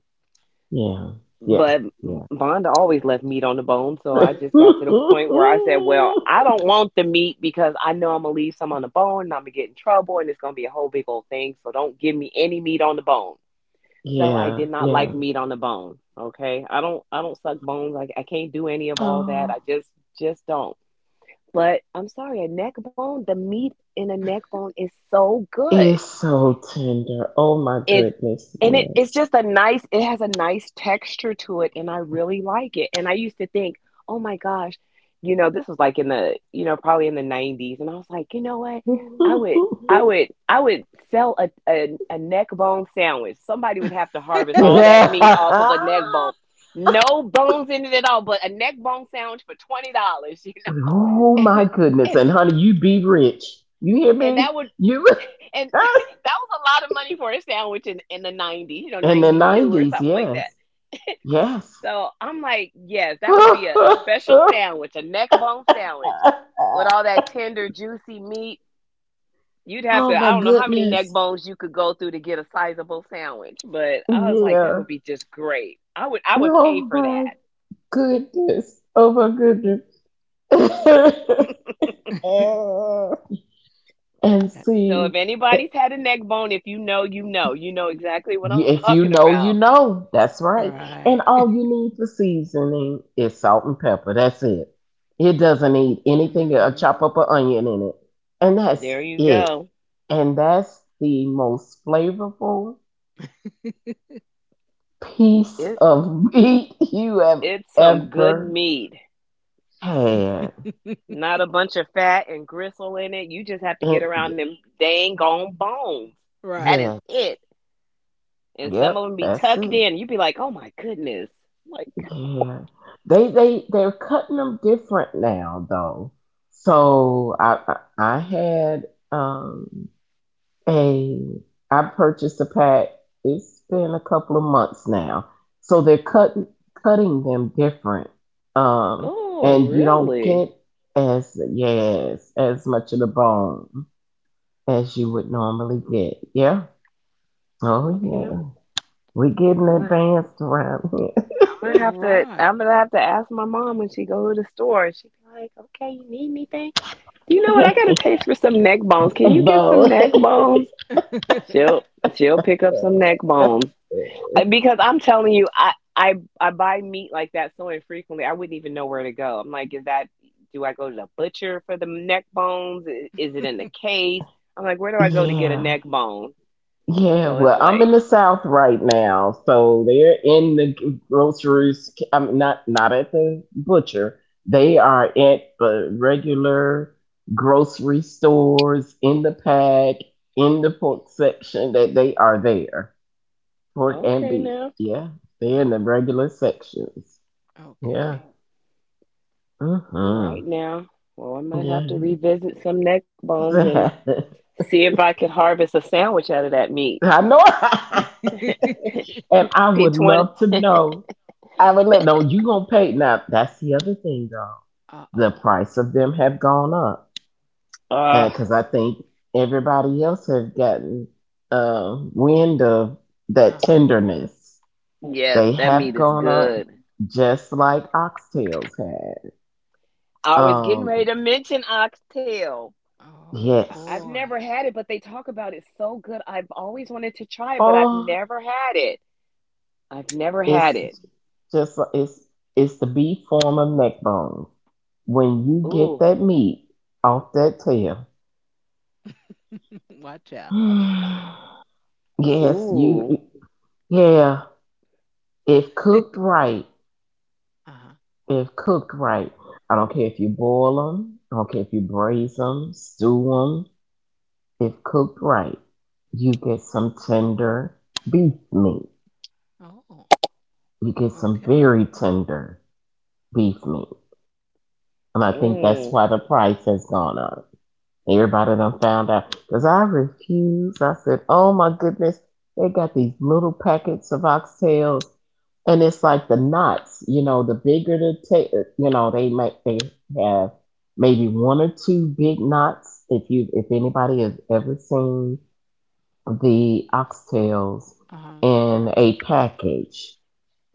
yeah. Yeah.
But Vonda always left meat on the bone, so
Yeah.
I just got to the point where I said, "Well, I don't want the meat because I know I'm gonna leave some on the bone, and I'm gonna get in trouble, and it's gonna be a whole big old thing. So don't give me any meat on the bone." So I
yeah.
did not
Yeah.
like meat on the bone. Okay. I don't I don't suck bones. Like I can't do any of all that.
Oh,
I just just don't. But I'm sorry, a neck bone, the meat in a neck bone is so good,
it's so tender. Oh, my
it
goodness.
and it it's
Yes.
just a nice it has a nice texture to it, and I really like it. And I used to think, "Oh my gosh, you know, this was like in the, you know, probably in the nineties." And I was like, "You know what? I would I would I would sell a a, a neck bone sandwich. Somebody would have to harvest all that meat off of
Yeah.
a neck bone. No bones in it at all, but a neck bone sandwich for twenty dollars you know."
Oh, my goodness.
and
And, honey, you be rich. You hear
and that
me?
would
You.
and that was a lot of money for a sandwich in in the nineties, you know,
In the
ninety-two or
nineties,
something like
yes.
that.
Yes.
So I'm like, yes, that would be a, a special
Oh
sandwich, a neck bone sandwich with all that tender, juicy meat. You'd have to,
my
I don't know how many neck
goodness.
bones you could go through to get a sizable sandwich, but I was like, that would
Yeah.
be just great. I would I would pay
Oh
for
my
that.
goodness. Oh my goodness. And
So if
see,
anybody's had a neck bone, if you know, you know, you know exactly what I'm
if you
talking
know, you
about.
know. That's right. And
Right.
all you need for seasoning is salt and pepper. That's it. It doesn't need anything. Uh,
Hmm.
chop up an onion in it. And that's
There you
it.
go.
And that's the most flavorful piece
It's.
of meat you have
It's some good
ever
meat.
had.
Not a bunch of fat and gristle in it. You just have to
And
get around
y-
them dang gone bones. That
Right.
is
yes,
it. And some of
yep,
them be
that's
tucked
it.
in. You be like, oh my goodness. Like,
Yeah, they they they're cutting them different now though. So I I, I had um a I purchased a pack. It's been a couple of months now, so they're cutting cutting them different. Um,
oh,
and you
Hmm.
don't get
really?
as yes as much of the bone as you would normally get. Yeah. Oh
Okay.
yeah. We
Yeah.
getting
I'm gonna,
advanced around here.
I'm gonna have to
Right.
I'm gonna have to ask my mom when she go to the store. She be like, okay, you need anything? Do you know what? I got a taste for some neck bones. Can you
Hey,
get
Bo.
some neck bones? She'll she'll pick up some neck bones. I- because I'm telling you, I I I buy meat like that so infrequently. I wouldn't even know where to go. I'm like, is that? Do I go to the butcher for the neck bones? I- Is it in the case? I'm like, where do I go to get a
Yeah.
neck bone?
Yeah.
So it's
Well, I'm in
like,
the South right now, so they're in the groceries. I'm not, not at the butcher. They are at the regular grocery stores in the pack in the pork section that they are there. Pork and
okay
beef.
now,
Yeah. They're in the regular sections. Yeah.
Okay.
all
Hmm.
right now. Well, I might
Yeah.
have to revisit some neck bones and see if I could harvest a sandwich out of that meat.
I know. I, and I would
P twenty.
love to know. I would let. No, you gonna pay now. That's the other thing, though.
Uh
The
oh.
price of them have gone up, and because
Ah,
I think everybody else has gotten uh, wind of
Uh
that
huh.
tenderness.
yes,
They
that
have
meat is
gone up,
good.
just like oxtails had.
I was getting
Oh.
ready
Um.
to mention oxtail.
Oh
I- I've
Yes.
boy.
never had it, but they talk about it so good. I've always wanted to try it, but I've
Oh.
never had it. I've never had it.
It's just it's it's the B form of neck bones. When you get
Ooh,
that meat off that tail,
Watch out.
yes, you
ooh,
yeah. If
Uh
cooked right,
huh.
if cooked right, I don't care if you boil them, I don't care if you braise them, stew them. If cooked right, you get some tender beef meat.
Oh.
You get some
Okay.
very tender beef meat, and I think
Hmm.
that's
mm.
why the price has gone up. Everybody done found out. Because I refused. I said, oh my goodness, they got these little packets of oxtails. And it's like the knots, you know, the bigger the ta- uh, you know, they might they have maybe one or two big knots. If you if anybody has ever seen the oxtails
Uh huh.
in a package,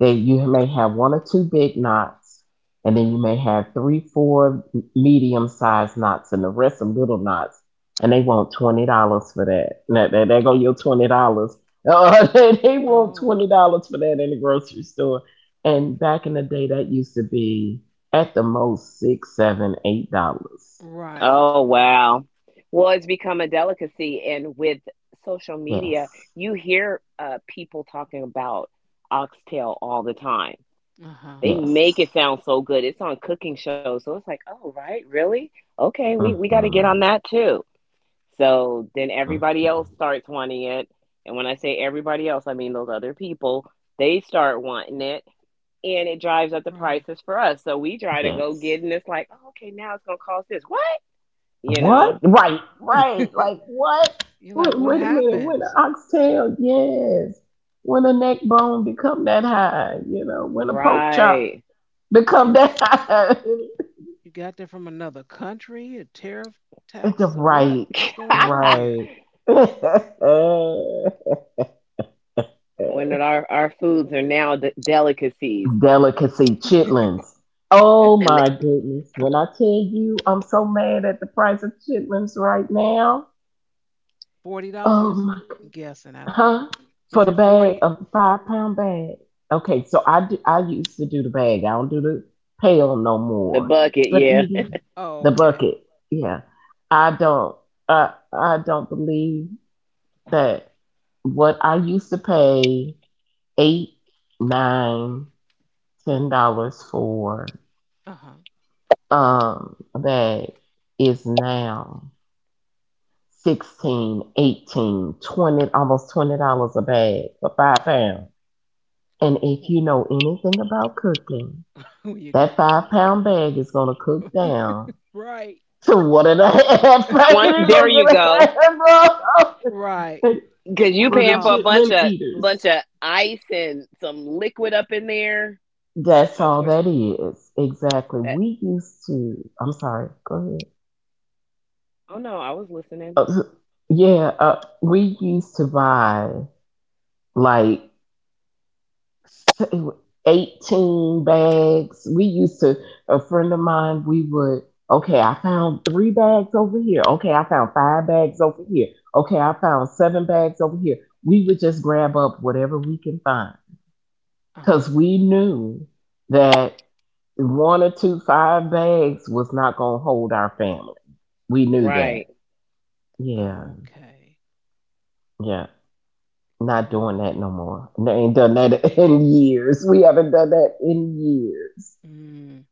that you may have one or two big knots,
Uh
and then
huh.
you may have three, four medium sized knots, and the rest are little knots. And they want twenty dollars for that. Now, there, there go your twenty dollars. Uh, they they want
Oh.
twenty dollars for that in the grocery store. And back in the day, that used to be at the most six, seven, eight dollars.
Right.
Oh, wow. Well, it's become a delicacy, and with social media,
Yes,
you hear uh, people talking about oxtail all the time.
Uh-huh.
They make
yes,
it sound so good. It's on cooking shows, so it's like, oh, right, really? Okay, we we got to get on
mm-hmm.
that too. So then
Hmm.
everybody else starts wanting it. And when I say everybody else, I mean those other people. They start wanting it, and it drives up the
Right.
prices for us. So we try to go
Yes.
get and it's like, oh, okay, now it's going to cost this. What? You
What?
know,
Right, right. Like what?
You're
Wait,
like, what
wait a minute. When an
happens?
oxtail, yes. When a neck bone become that high, you know. When a
Like,
pork chop
right.
and
become that high.
you got there from another country, a tariff
It's a
tax, or what?
right,
What's going on here?
right.
When it- our, our foods are now d- delicacies,
Delicacy chitlins. Oh
and the,
my goodness. When I tell you I'm so mad at the price of chitlins right now.
Forty
Oh
dollars?
my.
I'm guessing. I don't know.
Huh?
Is
For the
it
bag,
forty?
a five pound bag. Okay, so I do, I used to do the bag. I don't do the pail no
the
more.
bucket,
But
yeah.
even
Oh,
the
okay.
bucket, yeah. I don't I I don't believe that what I used to pay eight, nine, ten dollars for
Uh huh.
um a bag is now sixteen, eighteen, twenty, almost twenty dollars a bag for five pounds. And if you know anything about cooking,
You
that five pound bag is gonna cook down
right,
to one and a half.
I want,
You're
there
gonna
you
get a
go.
half of
right.
it
'Cause you
Twenty
for the
paying for a
dollars.
bunch
chitlin
of,
eaters.
bunch of ice and some liquid up in there.
That's
That's
all
where
that is. Exactly.
that,
We used to. I'm sorry. Go
oh no, I was listening.
ahead. Uh, yeah. Uh, we used to buy like so- eighteen bags. We used to, a friend of mine, we would, okay, I found three bags over here. Okay, I found five bags over here. Okay, I found seven bags over here. We would just grab up whatever we can find
Uh huh.
because we knew that one or two, five bags was not going to hold our family. We knew that.
Right.
Yeah,
Okay.
yeah. Not
Oh.
doing
Wow.
that no more. They ain't done that in years. We haven't done that in years.
Mm.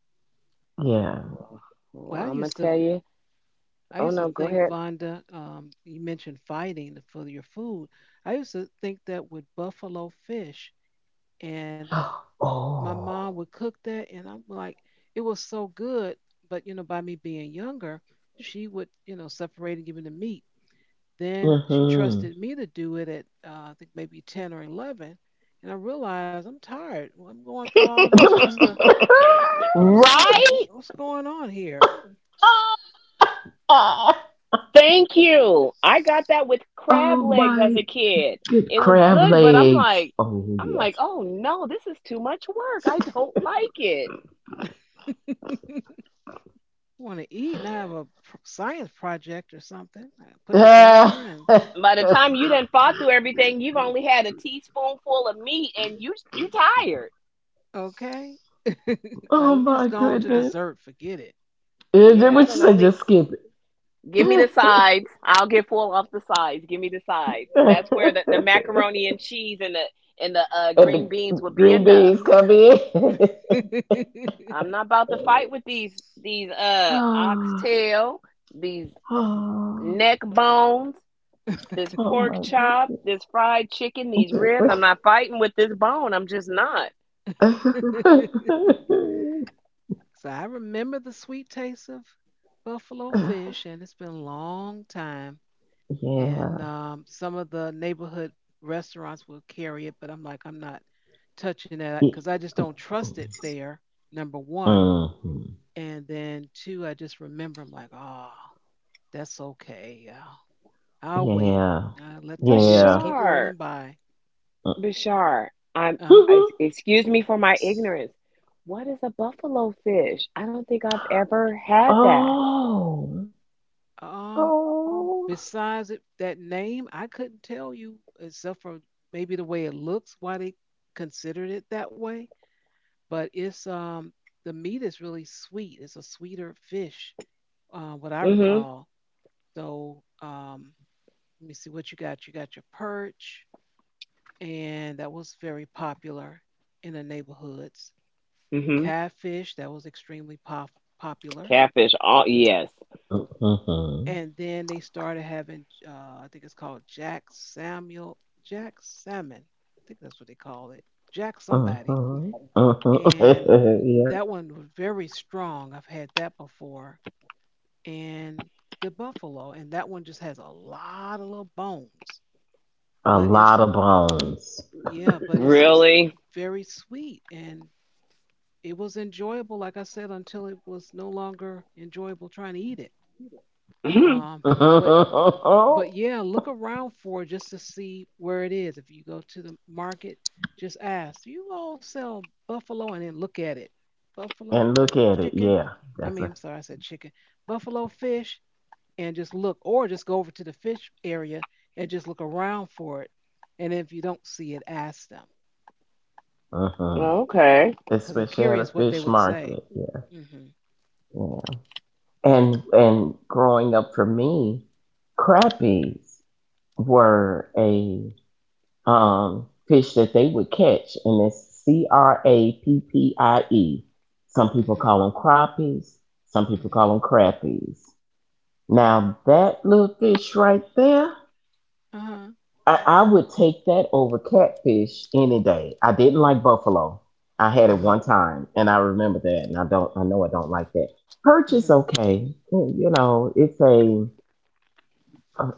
Yeah.
Well, well,
Well, I
I'm gonna
used to
tell you.
I
Oh
used to
no, go
think,
ahead.
Vonda, um, you mentioned fighting for your food. I used to think that with buffalo fish, and my mom
Oh.
would cook that, and I'm like, it was so good. But you know, by me being younger, she would, you know, separate and give me the meat. Then she
Mhm.
trusted me to do it at, uh, I think maybe ten or eleven, and I realized I'm tired. Well, I'm going through all this just to what's what's
Right.
what's going on here?
Thank you. I got that with crab
Oh
legs as a
my,
kid. It
good
was
crab
good, but I'm like,
legs. Oh
I'm like,
yes.
oh no, this is too much work. I don't like it.
Want to eat and I have a pr- science project or something I put together and
By the time you done fought through everything, you've only had a teaspoonful of meat, and you you tired.
okay. Like, let
Oh
me
my
just go on to
Uh,
goodness.
dessert. Forget
And then
yeah, I
what
don't
you
know.
say? Just skip
Give me the
it.
sides. I'll get full off the sides. Give me the sides. That's where the, the
And
macaroni and cheese and the and the uh, green
the
beans would be
green
enough.
beans come in.
I'm
it.
not about to fight with these these uh
Oh,
oxtail, these
oh,
neck bones, this
oh
pork
my
chop, this fried chicken, these ribs. I'm
goodness.
not fighting with this bone. I'm just not.
So I remember the sweet taste of buffalo fish, and it's been a long time. And um, some of the neighborhood restaurants will carry it, but I'm like, I'm not touching that
Yeah.
because I just don't trust it there. Number one,
Hmm.
and then two, I just remember I'm like, oh, that's okay. Yeah. I'll wait.
Yeah.
Uh, let the years
Yeah.
keep rolling
Bashar,
by.
Bashar, I'm.
Uh,
I,
Mm-hmm.
excuse me for my ignorance. What is a buffalo fish? I don't think I've ever had that.
Oh.
um.
Oh.
Besides it, that name, I couldn't tell you except for maybe the way it looks, why they considered it that way. But it's um the meat is really sweet. It's a sweeter fish, uh, what I
Hmm.
recall. So um, let me see what you got. You got your perch, and that was very popular in the neighborhoods.
Hmm.
Catfish, that was extremely pop- popular,
Catfish. All yes.
Mm-hmm.
and then they started having uh, I think it's called Jack Samuel Jack Salmon. I think that's what they call it. Jack somebody.
Mm-hmm.
And
Mm-hmm. Yeah.
that one was very strong. I've had that before. And the buffalo and that one just has a lot of little bones.
A
But
lot
it's
of bones.
yeah, but it's it's
Really?
very sweet and it was enjoyable like I said until it was no longer enjoyable trying to eat it.
Hmm.
Um but but yeah, look around for it just to see where it is. If you go to the market, just ask, do you all sell buffalo? And then look at it. Buffalo
And look at it.
chicken?
Yeah.
I
That's
mean,
a.
I'm sorry, I said chicken. Buffalo fish, and just look, or just go over to the fish area and just look around for it. And if you don't see it, ask them
Mm-hmm.
Okay.
because I'm
Especially at a
curious what they
fish
would say.
market. Yeah.
Mm-hmm.
Yeah. And and growing up for me, crappies were a um, fish that they would catch, and it's C R A P P I E. Some people
Mm-hmm.
call them crappies, some people
Mm-hmm.
call them crappies. Now, that little fish right there,
Uh-huh.
I, I would take that over catfish any day. I didn't like buffalo. I had it
Uh-huh.
one time, and I remember that, and I don't, I know I don't like that. Perch is
Mm-hmm.
okay. You you know, it's a,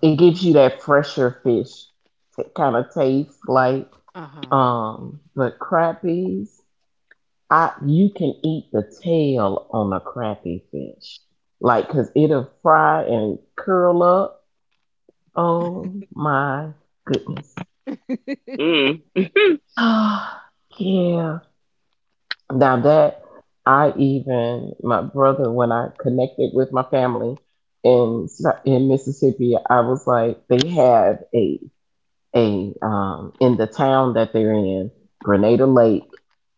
it gives you that fresher fish t- kind of taste, like.
Uh-huh.
Um, but crappies, I you can eat the tail on a crappie fish, like because it'll fry and curl up. Oh my goodness!
Mm.
Yeah. Now that I even my brother when I connected with my family in in Mississippi, I was like, they have a a um, in the town that they're in, Grenada Lake.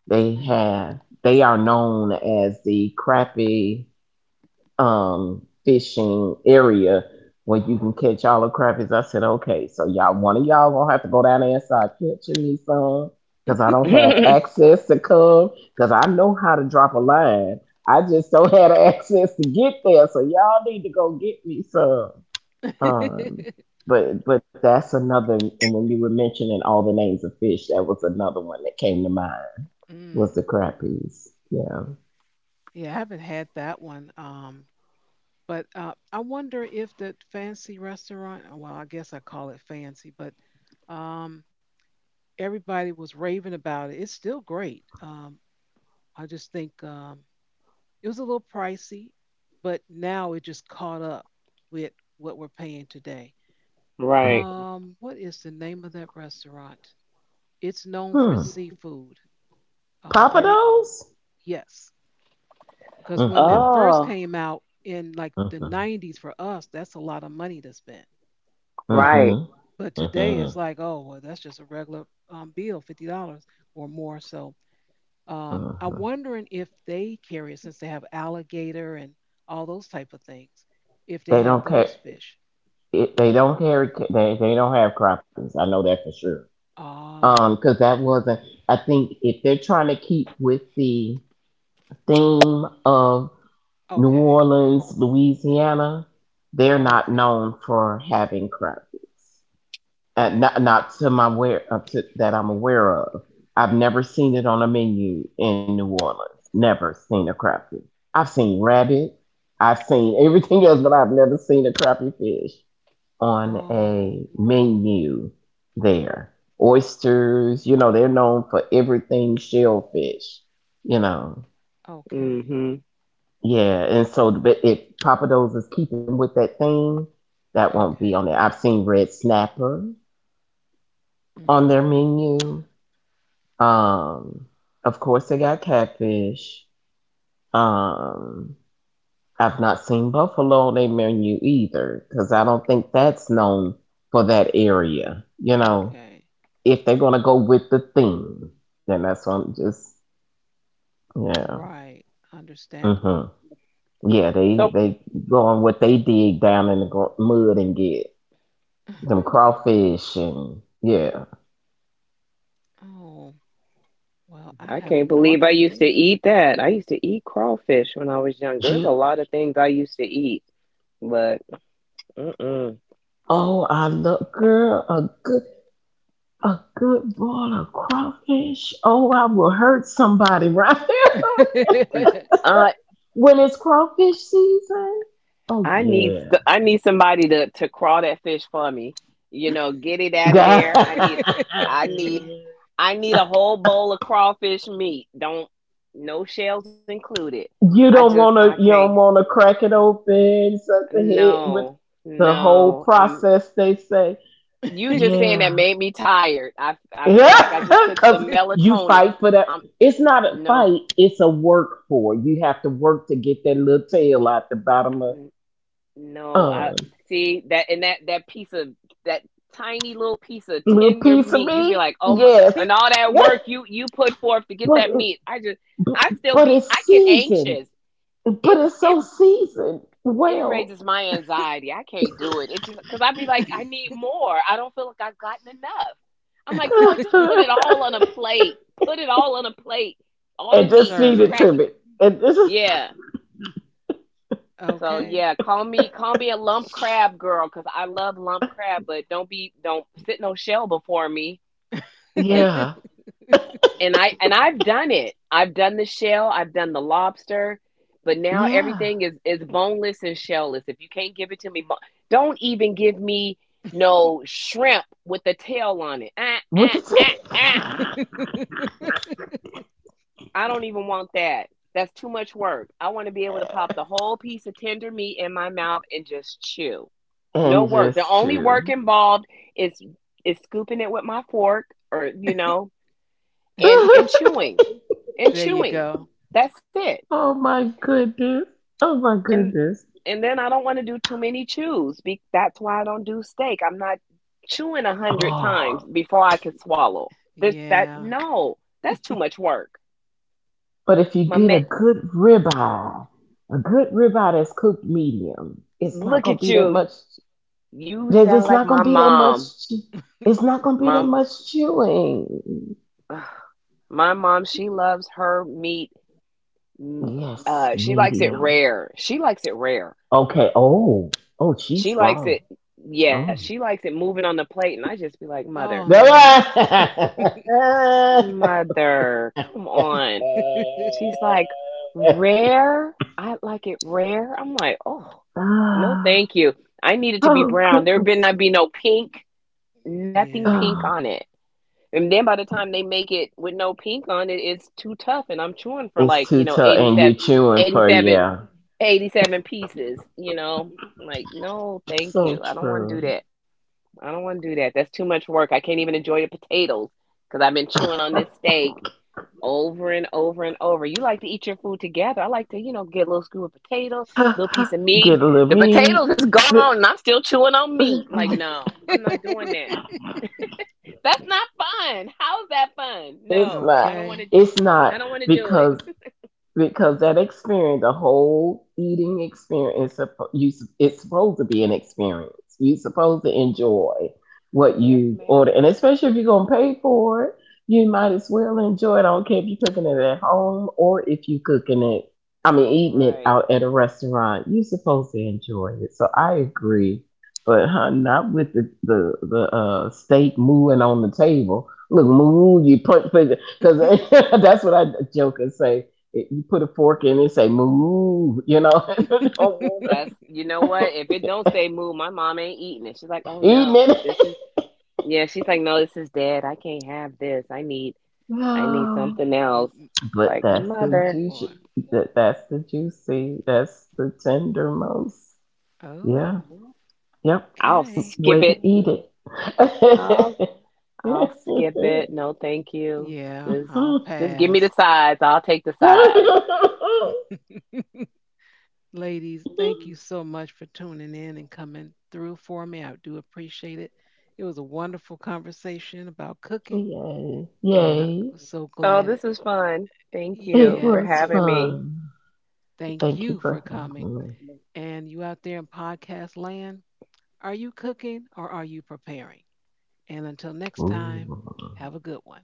They
Mm-hmm.
have they are known as the crappie um, fishing area where you can
Ah.
catch all the crappies. I said, okay, so y'all, one of y'all gonna have to go down there and start catching me some because I don't have access to come because I know how to drop a line. I just don't have the access to get there, so y'all need to go get me some. Um, but but that's another. And when you were mentioning all the names of fish, that was another one that came to mind. Was
Mm.
the crappies? Yeah.
Yeah, I haven't had that one. Um, but uh, I wonder if the fancy restaurant, uh, well, I guess I call it fancy, but um, everybody was raving about it. It's still great. Um, I just think um, it was a little pricey, but now it just caught up with what we're paying today.
Right.
Mm.
Um, what is the name of that restaurant? It's known for
Hmm.
its seafood. Uh, very,
Papados?
yes. Because when
Mm-hmm.
that first
Oh,
came out in like the
Mm-hmm.
nineties for us, that's a lot of money to spend. But
right.
Mm-hmm.
but today it's
Mm-hmm.
like, oh, well, that's just a regular um, bill, fifty dollars or more. So um, I'm
Mm-hmm.
wondering if they carry it since they have alligator and all those type of things. If they
They don't
have
care.
those fish.
It, they don't carry. ca- They they don't have crappies. I know that for sure. Um,
Ah,
because that wasn't. I think if they're trying to keep with the theme of New
okay,
Orleans, Louisiana, they're not
okay,
known for having crab cakes. Uh,
got
not,
you.
not to my aware uh, to, that I'm aware of. I've never seen it on a menu in New Orleans. Never seen a crab cake. I've seen rabbit. I've seen everything else, but I've never seen a crappie fish on a
Oh,
menu there. Oysters, you know, they're known for everything shellfish, you know.
okay,
Hmm.
Yeah, and so but if Papa Do's is keeping with that theme, that won't be on
okay,
there. I've seen Red Snapper on their
hmm,
menu. Um, of course they got catfish. Um, I've not seen buffalo on their menu either, because I don't think that's known for that area. You know,
okay,
if they're gonna go with the theme, then that's what I'm just yeah.
right,
Hmm.
understandable.
Yeah, they
So
they go on what they dig down in the gr- mud and get. Them crawfish and yeah.
Oh, well, I
I
have
can't
no
believe I used to
idea.
eat that. I used to eat crawfish when I was younger. There's
You,
a lot of things I used to eat, but mm-mm.
oh I love girl a good, a good bowl of crawfish. Oh I will hurt somebody right there
Uh,
when it's crawfish season. Oh
I need
yeah.
st- I need somebody to to crawl that fish for me. You know, get it out of
God.
there. I need I need I need a whole bowl of crawfish meat. Don't, no shells included. I
You
just
don't
I
wanna, you
can't.
don't wanna crack it open, suck the head with
No.
the whole
No. Um
process they say.
you just saying that
Yeah.
made me tired. I I feel like I
Yeah,
just took some
because you
melatonin.
fight for that.
Um
It's not a
no.
fight; it's a work for. You have to work to get that little tail out the bottom of
No, I
um
see that, and that that piece of that tiny little piece of
little
tender
piece
meat.
of
You'd be
meat.
like, oh, my,
Yes,
and all that work
but
you you put forth to get that
it,
meat. I just,
but
I still
but
be, I
it's
get
seasoned.
anxious. It
But it's
it
so seasoned
it
well,
raises my anxiety. I can't do it. It just because I'd be like, I need more. I don't feel like I've gotten enough. I'm like, you know, just put
and
it all on a plate. Put it all on a plate. All the
And
just
meat, you
serve
feed
it.
it
crack
to
it.
me. And this is
Yeah. So
Okay.
yeah, call me call me a lump crab girl because I love lump crab, but don't be don't sit no shell before me. And
yeah,
and I and I've done it. I've done the shell. I've done the lobster, but now
yeah.
everything is is boneless and shellless. If you can't give it to me, bo- don't even give me no shrimp with the tail on it. Ah, ah,
What to say?
ah, ah. I don't even want that. That's too much work. I want to be able to pop the whole piece of tender meat in my mouth and just chew. No
And
work. The
just
only work
chew.
involved is is scooping it with my fork, or you know, and and chewing. And
There you
chewing.
go.
That's it.
Oh my goodness. Oh my
And
goodness.
and then I don't want to do too many chews. Be, that's why I don't do steak. I'm not chewing a hundred
Oh,
times before I can swallow. This that
Yeah.
No, that's too much work.
but if you
My
get a
man,
good ribeye, a good ribeye that's cooked medium, it's not
look
gonna
at
be that
you.
much.
You
there-
sound
It's
like
not gonna
my
be that
mom.
much. che- It's not gonna be that
Mom,
much chewing.
my mom. She loves her meat Mm,
Yes,
Uh, she likes it
medium.
rare. She likes it rare.
Okay. Oh, oh, she's
She likes
strong.
it. Yeah,
Oh.
she likes it moving on the plate, and I just be like, "Mother,
Oh, no.
mother, come on." She's like, "Rare. I like it rare." I'm like, "Oh, no,
Ah,
thank you. I need it to be
oh
brown. There better
goodness.
not be no pink. Nothing
Yeah.
pink
Ah.
on it." And then by the time they make it with no pink on it, it's too tough, and I'm chewing for
It's
like you
too
know
tough,
eighty
and
seven,
you chewing
eighty
for
seven.
yeah.
eighty-seven pieces, you know? Like, no, thank
So
you. I don't want to do
true.
that. I don't want to do that. That's too much work. I can't even enjoy the potatoes because I've been chewing on this steak over and over and over. You like to eat your food together. I like to, you know, get a little scoop of potato, little piece of
Get
meat.
a little
The
meat.
potatoes is gone and I'm still chewing on meat. Like, no, I'm not doing that. That's not fun. How is that fun?
It's
No,
not.
I don't want
Okay.
to.
It's not
I don't want to do
because
it.
because that experience, the whole eating experience, is suppo- you s- it's supposed to be an experience. You're supposed to enjoy what
Yes,
you order,
ma'am.
and especially if you're gonna pay for it, you might as well enjoy it. I don't care if you're cooking it at home or if you're cooking it. I mean, eating it
Right.
out at a restaurant, you're supposed to enjoy it. So I agree, but huh, not with the the, the uh, steak moving on the table. Look, moo, you put because that's what I joke and say it, you put a fork in it, say move, you know, I don't want
That's you know what? If it don't say move, my mom ain't eating it. She's like, oh
to eating
no, this
it.
is yeah. She's like, no, this is dead. I can't have this. I need I need
No,
something else.
Mm,
but
Like
that's the
oh
mother,
boy.
juicy. That that's the juicy. That's the tendermost.
Oh,
Yeah. Yep.
I'll
okay.
skip
Way to
it.
eat it.
I'll I'll skip it. No, thank you.
Yeah,
Just
I'll
just give me the
pass.
sides. I'll take the sides.
Ladies, thank you so much for tuning in and coming through for me. I do appreciate it. It was a wonderful conversation about cooking,
Yay.
and I
Yay.
was so
Oh,
glad.
this
It,
was fun. Thank
It
you
yeah,
for
it,
was
having me.
fun.
thank
Thank
you
you
for
for
coming.
having me.
And you out there in podcast land, are you cooking or are you preparing? And until next time,
Ooh.
have a good one.